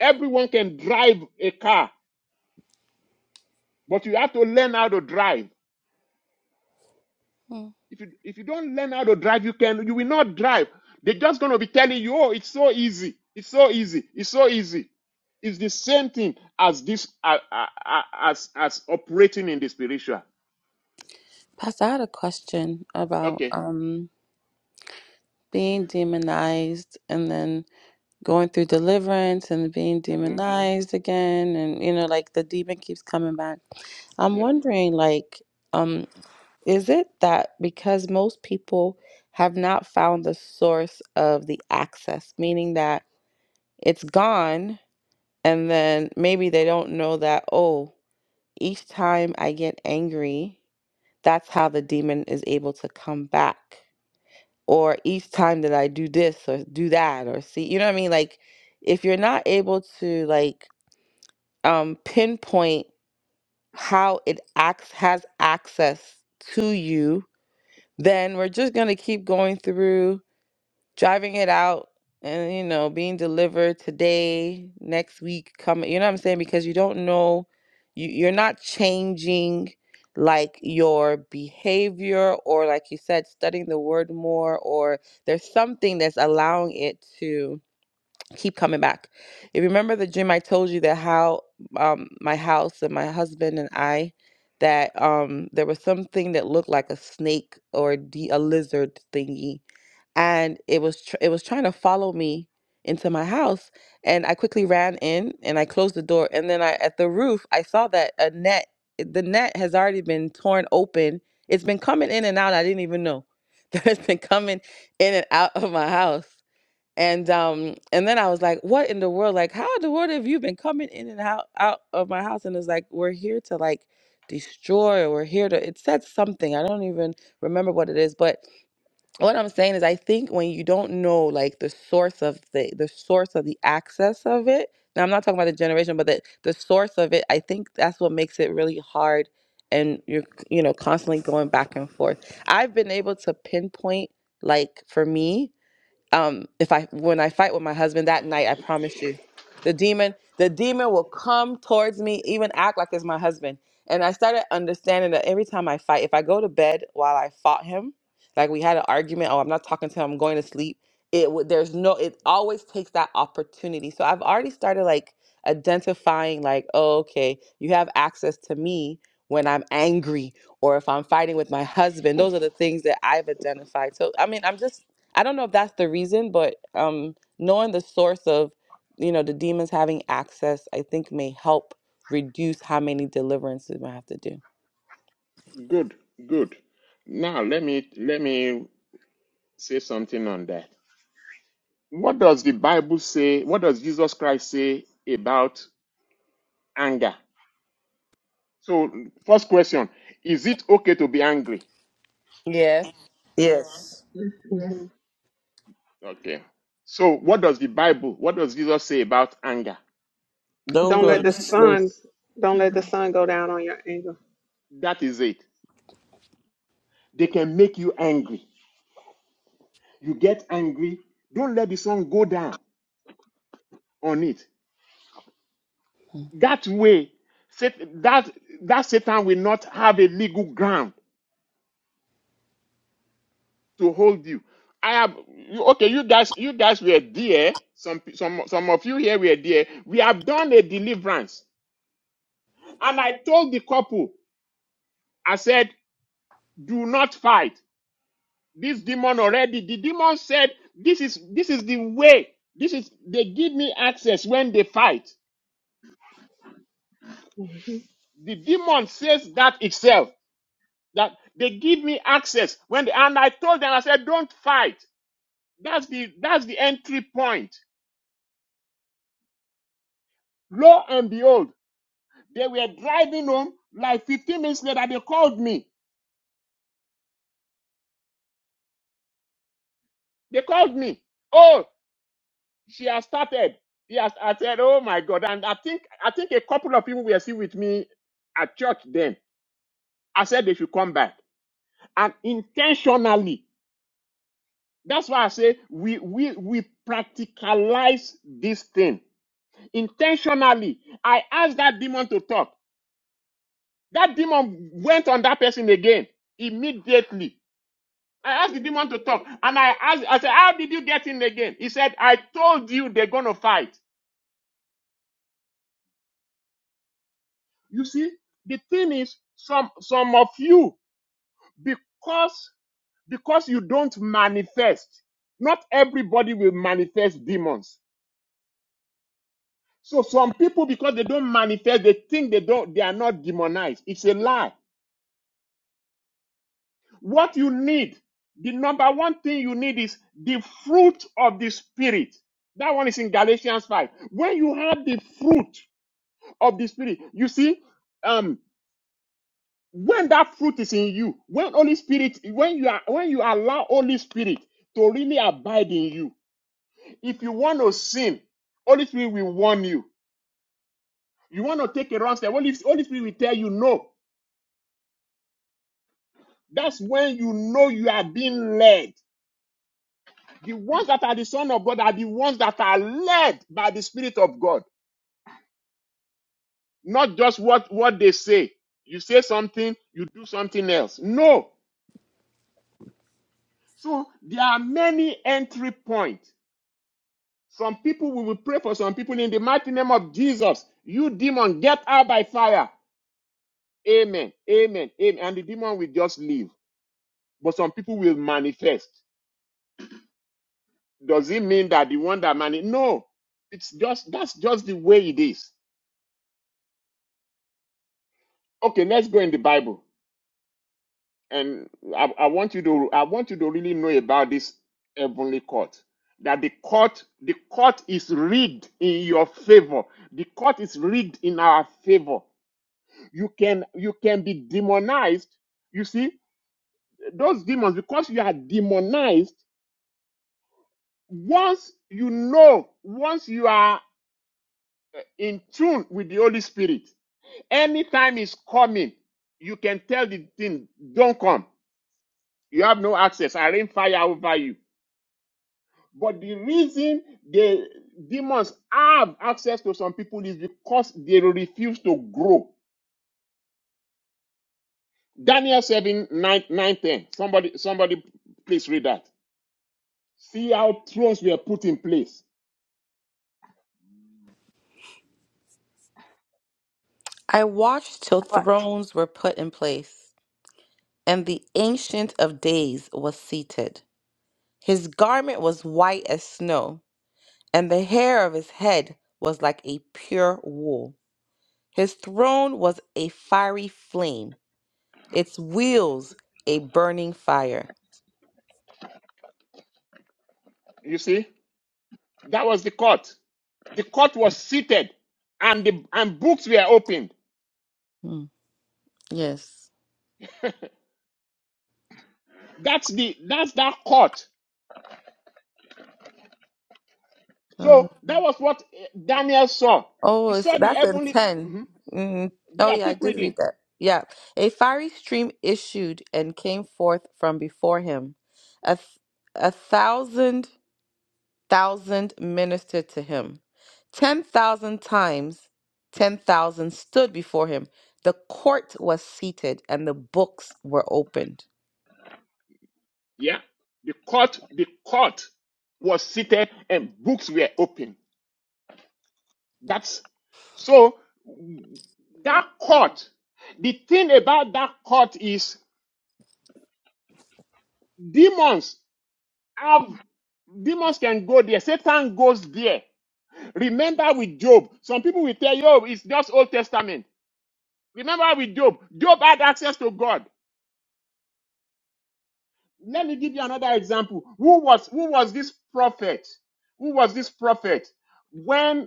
Speaker 1: Everyone can drive a car, but you have to learn how to drive.
Speaker 2: Hmm.
Speaker 1: If you if you don't learn how to drive, you can you will not drive. They're just gonna be telling you, oh, it's so easy, it's so easy, it's so easy. It's the same thing as this uh, uh, uh, as as operating in the spiritual.
Speaker 2: Pastor, I had a question about
Speaker 1: Okay.
Speaker 2: um being demonized and then going through deliverance and being
Speaker 1: hmm
Speaker 2: demonized again and you know like the demon keeps coming back. I'm
Speaker 1: Yeah.
Speaker 2: wondering like um is it that because most people have not found the source of the access, meaning that it's gone And then maybe they don't know that, oh, each time I get angry, that's how the demon is able to come back. Or each time that I do this or do that or see, you know what I mean? Like if you're not able to like um pinpoint how it acts has access to you, then we're just gonna keep going through driving it out and you know being delivered today next week coming you know what i'm saying because you don't know you, you're not changing like your behavior or like you said studying the word more or there's something that's allowing it to keep coming back if you remember the gym i told you that how um my house and my husband and i that um there was something that looked like a snake or a, de- a lizard thingy and it was tr- it was trying to follow me into my house and i quickly ran in and i closed the door and then i at the roof i saw that a net the net has already been torn open it's been coming in and out i didn't even know that it's been coming in and out of my house and um and then i was like what in the world like how in the world have you been coming in and out out of my house and it's like we're here to like destroy or we're here to it said something i don't even remember what it is but what I'm saying is I think when you don't know like the source of the the source of the access of it. Now I'm not talking about the generation, but the the source of it, I think that's what makes it really hard and you're you know constantly going back and forth. I've been able to pinpoint like for me um if i when i fight with my husband that night i promise you the demon the demon will come towards me even act like it's my husband and i started understanding that every time i fight if i go to bed while i fought him like we had an argument oh i'm not talking to him i'm going to sleep it would there's no it always takes that opportunity so i've already started like identifying like oh, okay you have access to me when i'm angry or if i'm fighting with my husband those are the things that i've identified so i mean i'm just I don't know if that's the reason, but um, knowing the source of, you know, the demons having access, I think may help reduce how many deliverances we have to do.
Speaker 1: Good. Good. Now let me let me say something on that. what does the Bible say? What does Jesus Christ say about anger? So, first question Is it okay to be angry?
Speaker 2: Yes.
Speaker 6: Yes.
Speaker 4: Yes. yes.
Speaker 7: Mm-hmm.
Speaker 1: Okay. So, what does the Bible, what does Jesus say about anger?
Speaker 6: Don't
Speaker 7: Don't
Speaker 6: go
Speaker 7: let
Speaker 6: to
Speaker 7: the
Speaker 4: Mhm.
Speaker 6: sleep.
Speaker 7: sun don't let the
Speaker 4: Mhm.
Speaker 7: sun go down on your anger.
Speaker 1: That is it. They can make you angry. You get angry. Don't let the sun go down on it.
Speaker 2: Mm.
Speaker 1: That way, that, that Satan will not have a legal ground to hold you. I have you, okay. You guys, you guys were there. Some pe- some some of you here were there. We have done a deliverance, and I told the couple, I said, do not fight. This demon already. The demon said, this is this is the way. This is they give me access when they fight.
Speaker 7: Mm-hmm.
Speaker 1: The demon says that itself. That they give me access when they, and I told them, I said, don't fight. That's the that's the entry point. Lo and behold. They were driving home. Like 15 minutes later, they called me. They called me. Oh, she has started. Yes, I said, oh my God. And I think I think a couple of people were still with me at church then. I said they should come back. And intentionally, that's why I say we we we practicalize this thing. Intentionally, I asked that demon to talk. That demon went on that person again immediately I asked the demon to talk, and I asked, I said, How did you get in again? He said, I told you they're gonna fight. You see, the thing is, some some of you, because because you don't manifest, not everybody will manifest demons. So some people, because they don't manifest, they think they don't they are not demonized. It's a lie. What you need, the number one thing you need is the fruit of the spirit. That one is in Galatians 5. When you have the fruit of the spirit. You see, um, when that fruit is in you, when Holy Spirit, when you are when you allow Holy Spirit to really abide in you, if you want to sin, Holy Spirit will warn you. You want to take a wrong step, Holy, Holy Spirit will tell you no. That's when you know you are being led. The ones that are the Son of God are the ones that are led by the Spirit of God, not just what, what they say. You say something, you do something else. No, So there are many entry points. Some people we will pray for some people in the mighty name of Jesus. You demon, get out by fire. Amen. Amen. Amen. And the demon will just leave. But some people will manifest. Does it mean that the one that mani? No. It's just that's just the way it is. Okay, let's go in the Bible. and I, I want you to I want you to really know about this heavenly court. That the court the court is rigged in your favor. The court is rigged in our favor. You can you can be demonized. You see those demons because you are demonized. Once you know, once you are in tune with the Holy Spirit, anytime is coming, you can tell the thing, "Don't come." You have no access. I rain fire over you But the reason the demons have access to some people is because they refuse to grow. Daniel 7 9 9 10. Somebody, somebody please read that. See how thrones were put in place.
Speaker 2: I watched till thrones were put in place, and the Ancient of Days was seated. His garment was white as snow, and the hair of his head was like a pure wool. His throne was a fiery flame, its wheels a burning fire.
Speaker 1: You see? That was the court. The court was seated and the and books were opened.
Speaker 2: Mm, Yes.
Speaker 1: That's the that's that court.
Speaker 2: Thousand.
Speaker 1: So
Speaker 2: Oh,
Speaker 1: that was what eh, Daniel saw. He
Speaker 2: it's,
Speaker 1: saw the
Speaker 2: that's in
Speaker 1: heavenly
Speaker 2: 10.
Speaker 1: Mhm.
Speaker 2: Mhm. Oh,
Speaker 1: yeah,
Speaker 2: yeah, I
Speaker 1: keep
Speaker 2: did
Speaker 1: reading.
Speaker 2: read that. Yeah. A fiery stream issued and came forth from before him. A, th- a thousand thousand ministered to him. Ten thousand times ten thousand stood before him. The court was seated and the books were opened.
Speaker 1: Yeah. The court, the court was seated and books were open. That's so that court, the thing about that court is demons have demons can go there. Satan goes there. Remember with Job, some people will tell you, oh, it's just Old Testament. Remember with Job, Job had access to God. Let me give you another example. Who was who was this prophet? Who was this prophet? When.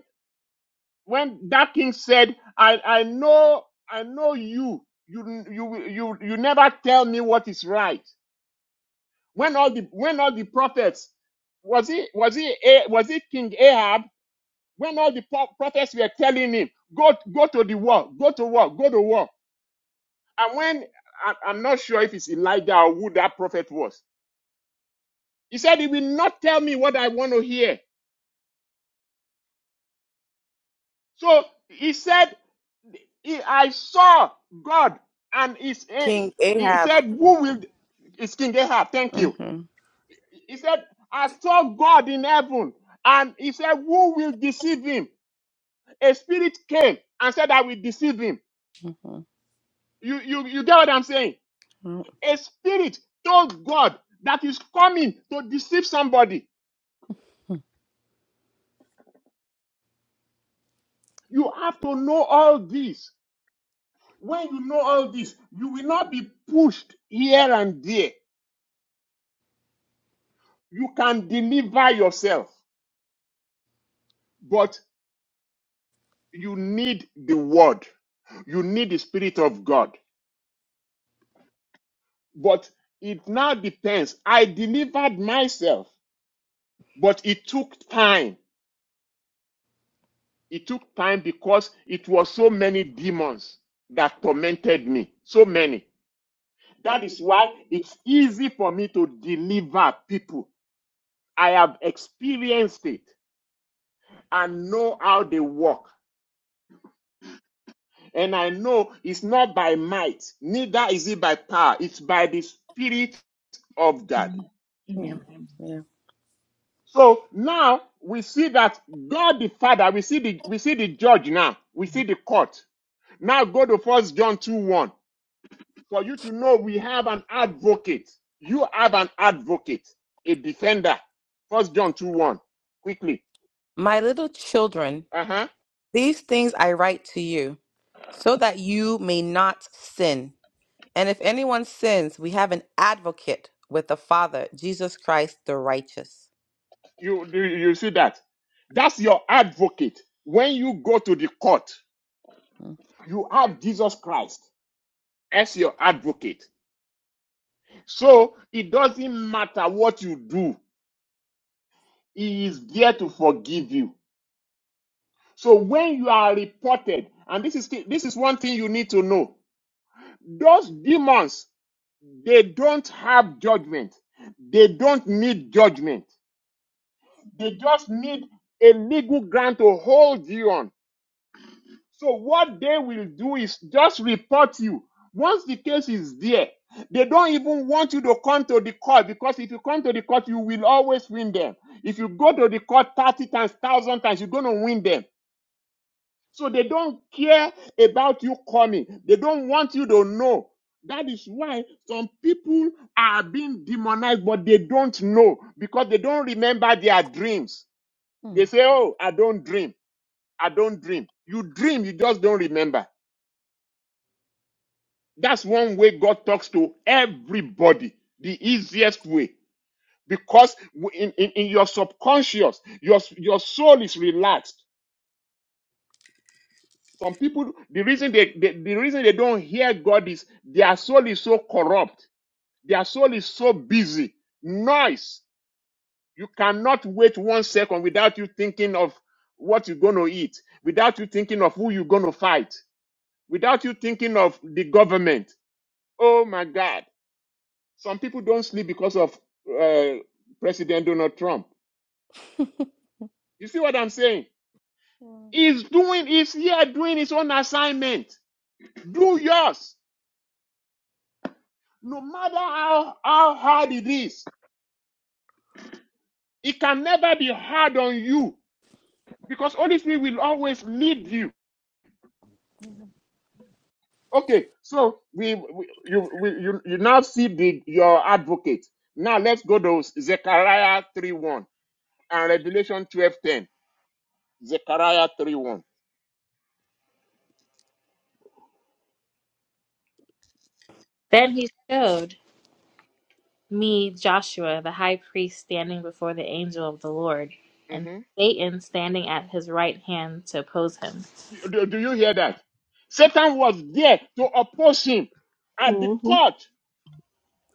Speaker 1: when that king said, I, I know, I know you. You, you, you, you never tell me what is right. When all the, when all the prophets, was it, was it, A- was it King Ahab? When all the pro- prophets were telling him, go, go to the war, go to war, go to war. And when, I, I'm not sure if it's Elijah or who that prophet was. He said, he will not tell me what I want to hear. So he said, I saw God and his,
Speaker 2: King
Speaker 1: he
Speaker 2: Ahab.
Speaker 1: said, who will, it's King Ahab, thank
Speaker 2: hmm
Speaker 1: you. He said, I saw God in heaven and he said, who will deceive him? A spirit came and said, I will deceive him.
Speaker 2: hmm
Speaker 1: You, you, you get what I'm saying? A spirit told God that is coming to deceive somebody. You have to know all this. When you know all this, you will not be pushed here and there You can deliver yourself, but you need the word. You need the spirit of God. But it now depends. I delivered myself, but it took time. It took time because it was so many demons that tormented me. So many. That is why it's easy for me to deliver people. I have experienced it and know how they work. And I know it's not by might, neither is it by power, it's by the Spirit of God.
Speaker 4: Amen.
Speaker 2: Yeah.
Speaker 4: Amen.
Speaker 2: yeah.
Speaker 1: So now we see that God the Father, we see the we see the judge now, we see the court. Now go to first John 2 1. For you to know we have an advocate. You have an advocate, a defender. First John 2 1. Quickly.
Speaker 2: My little children.
Speaker 1: Uh-huh.
Speaker 2: These things I write to you, so that you may not sin. And if anyone sins, we have an advocate with the Father, Jesus Christ the righteous.
Speaker 1: You you you see that? That's your advocate. When you go to the court, you have Jesus Christ. as your advocate. So it doesn't matter what you do, he is there to forgive you. So when you are reported, and this is this is one thing you need to know. Those demons, they don't have judgment. They don't need judgment. They just need a legal ground to hold you on. So what they will do is just report you. Once the case is there, they don't even want you to come to the court because if you come to the court, you will always win them. If you go to the court 30 times, 1,000 times, you're going to win them. So they don't care about you coming. They don't want you to know. That is why some people are being demonized, but they don't know because they don't remember their dreams. They
Speaker 2: Mhm.
Speaker 1: say, Oh, I don't dream. I don't dream. You dream, you just don't remember. That's one way God talks to everybody, the easiest way. Because in, in, in your subconscious, your, your soul is relaxed. Some people, the reason they, they the reason they don't hear God is their soul is so corrupt, their soul is so busy. Noise. You cannot wait one second without you thinking of what you're gonna eat, without you thinking of who you're gonna fight, without you thinking of the government. Oh my God. Some people don't sleep because of uh, President Donald Trump. You see what I'm saying? He's doing, he's here doing his own assignment. Do yours. No matter how, how hard it is, it can never be hard on you because Holy Spirit will always lead you. Okay, so we, we you we, you you now see the your advocate. Now let's go to Zechariah 3:1 and Revelation 12:10. Zechariah 3:1.
Speaker 8: Then he showed me Joshua the high priest standing before the angel of the Lord, and
Speaker 1: hmm
Speaker 8: Satan standing at his right hand to oppose him.
Speaker 1: Do, do you hear that? Satan was there to oppose him at the
Speaker 7: Mm-hmm.
Speaker 1: court.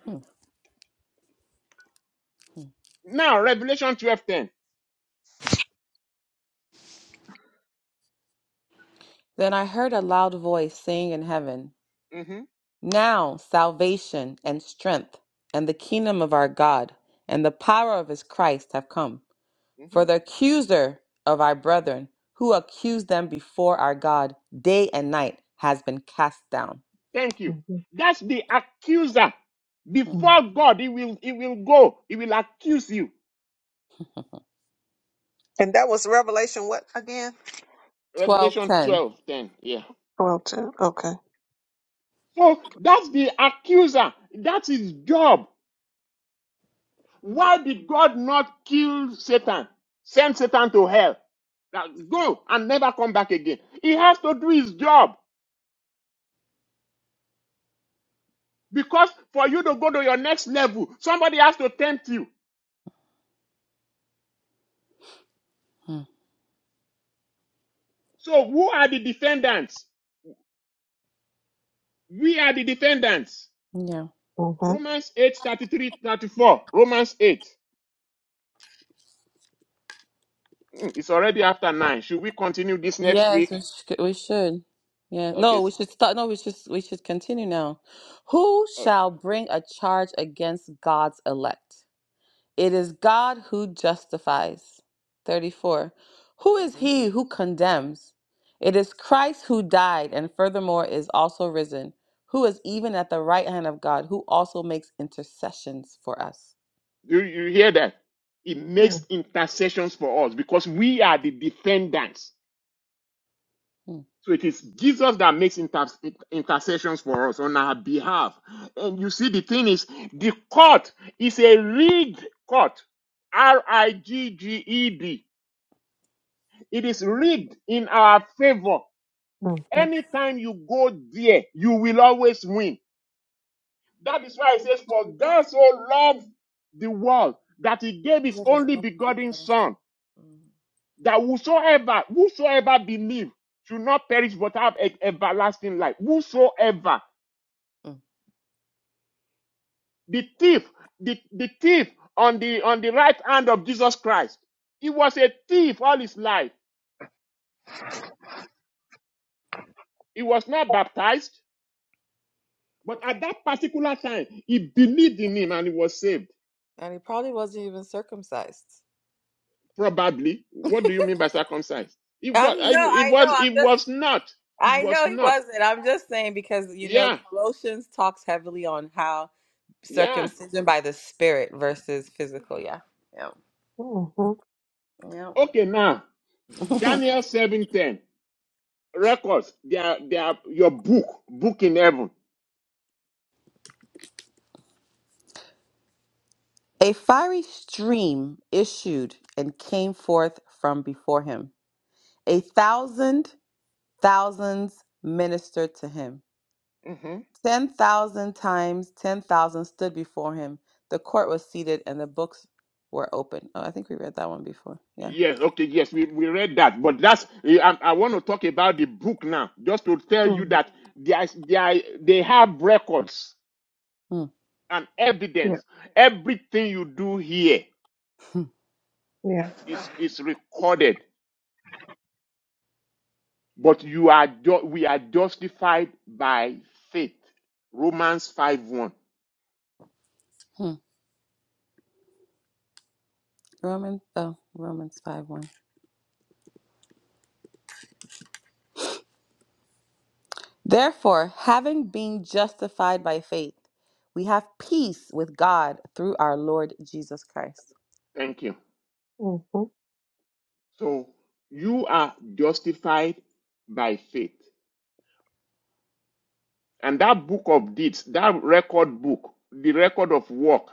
Speaker 2: Mhm.
Speaker 1: Now, Revelation twelve ten.
Speaker 2: then I heard a loud voice saying in heaven,
Speaker 1: hmm
Speaker 2: Now salvation and strength and the kingdom of our God and the power of his Christ have come.
Speaker 1: hmm
Speaker 2: For the accuser of our brethren, who accused them before our God day and night, has been cast down.
Speaker 1: Thank you.
Speaker 7: Mm-hmm.
Speaker 1: That's the accuser.
Speaker 7: Mm-hmm.
Speaker 1: Before God, he will he will go. He will accuse you.
Speaker 7: And that was Revelation what again?
Speaker 2: Twelve
Speaker 1: Revelation
Speaker 2: ten.
Speaker 1: twelve ten. Yeah.
Speaker 7: Twelve two. Okay.
Speaker 1: So that's the accuser. That's his job. Why did God not kill Satan? Send Satan to hell. Now go and never come back again. He has to do his job because for you to go to your next level, somebody has to tempt you.
Speaker 2: Hmm.
Speaker 1: So who are the defendants? We are the defendants.
Speaker 2: Yeah.
Speaker 7: Mm-hmm.
Speaker 1: Romans 8, thirty-three, 34. Romans 8. Hmm, It's already after 9. Should we continue this next
Speaker 2: Yes,
Speaker 1: week?
Speaker 2: we should, we should. Yeah.
Speaker 1: Okay.
Speaker 2: No, we
Speaker 1: s-
Speaker 2: should start. No, we should we should continue now. Who
Speaker 1: okay.
Speaker 2: shall bring a charge against God's elect? It is God who justifies. 34. Who is
Speaker 1: hmm
Speaker 2: he who condemns? It is Christ who died and furthermore is also risen, who is even at the right hand of God, who also makes intercessions for us.
Speaker 1: You, you hear that? He makes intercessions for us because we are the defendants.
Speaker 2: Hmm.
Speaker 1: So it is Jesus that makes inter- intercessions for us on our behalf. And you see, the thing is, the court is a rigged court. R I G G E D. It is rigged in our favor.
Speaker 7: Mm-hmm.
Speaker 1: Anytime you go there, you will always win. That is why it says, For God so loved the world that he gave his
Speaker 2: Let us
Speaker 1: only
Speaker 2: all take
Speaker 1: begotten
Speaker 2: our-
Speaker 1: son, that whosoever, whosoever believe should not perish but have e- everlasting life. Whosoever.
Speaker 2: Mm.
Speaker 1: The thief, the, the thief on the on the right hand of Jesus Christ. He was a thief all his life. He was not baptized, but at that particular time, he believed in him and he was saved.
Speaker 2: And he probably wasn't even circumcised.
Speaker 1: Probably. What do you mean by circumcised? It was.
Speaker 2: I'm
Speaker 1: I,
Speaker 2: no,
Speaker 1: it
Speaker 2: I know.
Speaker 1: was.
Speaker 2: I'm
Speaker 1: It
Speaker 2: just
Speaker 1: was not. It
Speaker 2: I
Speaker 1: was
Speaker 2: know he
Speaker 1: not.
Speaker 2: wasn't. I'm just saying because you know
Speaker 1: Yeah.
Speaker 2: Colossians talks heavily on how
Speaker 1: Yeah.
Speaker 2: circumcision by the spirit versus physical. Yeah.
Speaker 7: Mm-hmm.
Speaker 2: Yeah.
Speaker 1: Okay. Now,
Speaker 2: Yeah.
Speaker 1: Daniel seven ten records. They are. They are your book. Book in heaven.
Speaker 2: A fiery stream issued and came forth from before him. A thousand thousands ministered to him.
Speaker 1: Mhm.
Speaker 2: Ten thousand times ten thousand stood before him. The court was seated and the books were open. Oh, I think we read that one before. Yeah.
Speaker 1: Yes, okay, yes, we, we read that, but that's eh, I, I want to talk about the book now, just to tell you
Speaker 7: Mm-hmm.
Speaker 1: that they there they are, they have records
Speaker 2: Hmm.
Speaker 1: and
Speaker 7: Yeah.
Speaker 1: evidence. Everything you do here
Speaker 2: Hmm.
Speaker 7: Yeah.
Speaker 1: is is recorded, but you are ju- we are justified by faith. Romans five one.
Speaker 2: Hmm. Romans oh Romans five one. Therefore, having been justified by faith, we have peace with God through our Lord Jesus Christ.
Speaker 1: Thank you.
Speaker 7: Mm-hmm.
Speaker 1: So you are justified by faith. And that book of deeds, that record book, the record of work,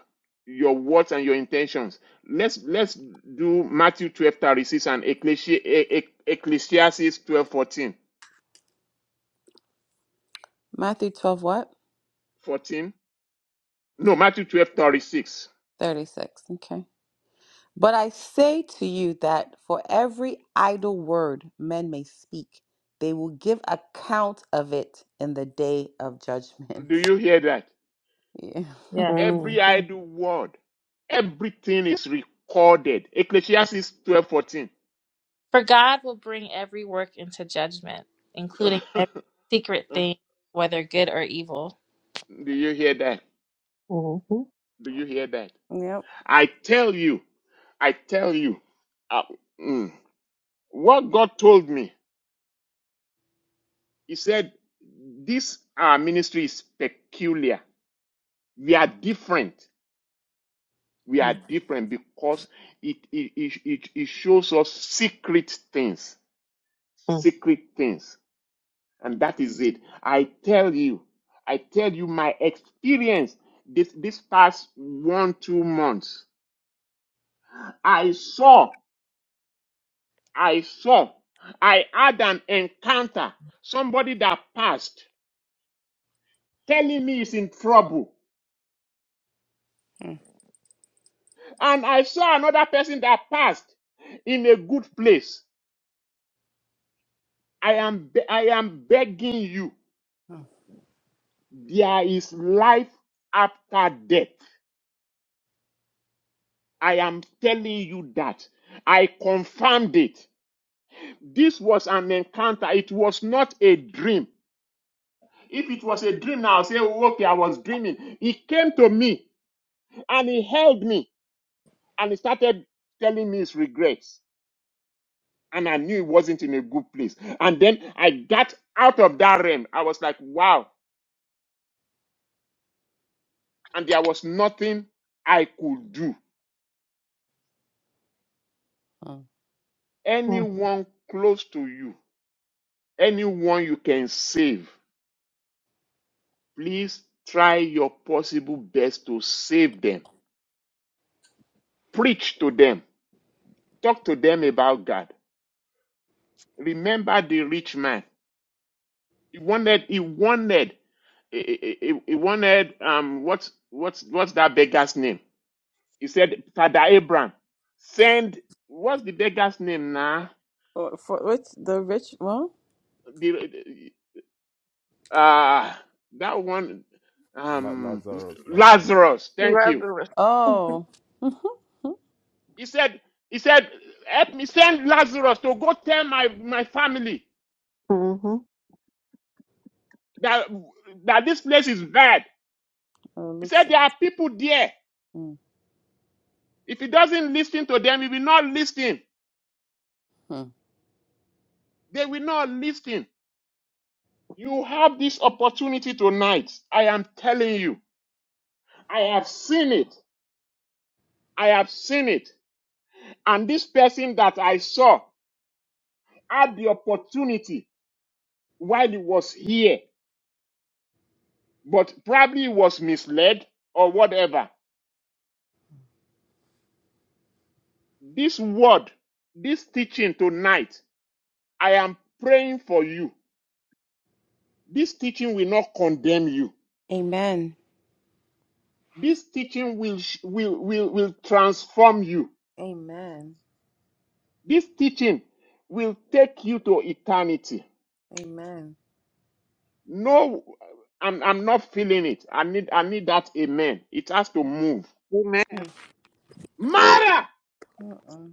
Speaker 1: your words and your intentions. Let's let's do Matthew 12 36 and E- E- Ecclesiastes 12, 14. fourteen?
Speaker 2: Matthew twelve what?
Speaker 1: No, Matthew twelve thirty six.
Speaker 2: Thirty six. Okay. But I say to you that for every idle word men may speak, they will give account of it in the day of judgment.
Speaker 1: Do you hear that?
Speaker 2: Yeah.
Speaker 8: Yeah.
Speaker 1: Every
Speaker 7: Mm-hmm.
Speaker 1: idle word, everything is recorded. Ecclesiastes 12 14.
Speaker 8: For God will bring every work into judgment, including every secret thing, whether good or evil.
Speaker 1: do you hear that?
Speaker 7: Mm-hmm.
Speaker 1: Do you hear that?
Speaker 2: Yep.
Speaker 1: I tell you, I tell you. uh, mm, What God told me, He said, This our ministry is peculiar. We are different. We are
Speaker 2: Mm,
Speaker 1: different because it, it, it, it, it shows us secret things. Secret things. And that is it. I tell you, I tell you my experience this, this past one, two months. I saw, I saw, I had an encounter. Somebody that passed telling me he's in trouble
Speaker 2: mm,
Speaker 1: And I saw another person that passed in a good place. I am, be- I am begging you, there is life after death. I am telling you that. I confirmed it. This was an encounter. It was not a dream. If it was a dream, I'll say, "Oh, okay, I was dreaming. He came to me and he held me and he started telling me his regrets. and I knew it wasn't in a good place. And then I got out of that realm. I was like, wow. And there was nothing I could do.
Speaker 2: mm.
Speaker 7: Mm-hmm.
Speaker 1: Anyone close to you, anyone you can save, please try your possible best to save them. Preach to them. Talk to them about God. Remember the rich man. He wanted, he wanted, he, he- he- he wanted, um, what's, what's, what's that beggar's name? He said, Father Abraham, send what's the beggar's name now?
Speaker 2: Or For which the rich well?
Speaker 1: The uh that one
Speaker 9: La-
Speaker 1: um
Speaker 9: Lazarus, Lazarus.
Speaker 1: Lazarus, thank you.
Speaker 7: Lazarus.
Speaker 2: Oh.
Speaker 1: He said, he said, help me send Lazarus to go tell my, my family
Speaker 7: Mm-hmm.
Speaker 1: that that this place is bad.
Speaker 2: Oh,
Speaker 1: He
Speaker 2: Luke
Speaker 1: said
Speaker 2: six.
Speaker 1: there are people there.
Speaker 2: Mm,
Speaker 1: If he doesn't listen to them, he will not listen.
Speaker 2: mm.
Speaker 1: They will not listen. You have this opportunity tonight. I am telling you. I have seen it. I have seen it. And this person that I saw had the opportunity while he was here, but probably was misled or whatever. This word, this teaching tonight, I am praying for you. This teaching will not condemn you.
Speaker 2: Amen.
Speaker 1: This teaching will, will, will, will transform you.
Speaker 2: Amen.
Speaker 1: This teaching will take you to eternity.
Speaker 2: Amen.
Speaker 1: No, I'm, I'm not feeling it. I need, I need that amen. It has to move.
Speaker 7: Amen.
Speaker 2: Mm.
Speaker 1: Mara,
Speaker 2: Mm-mm.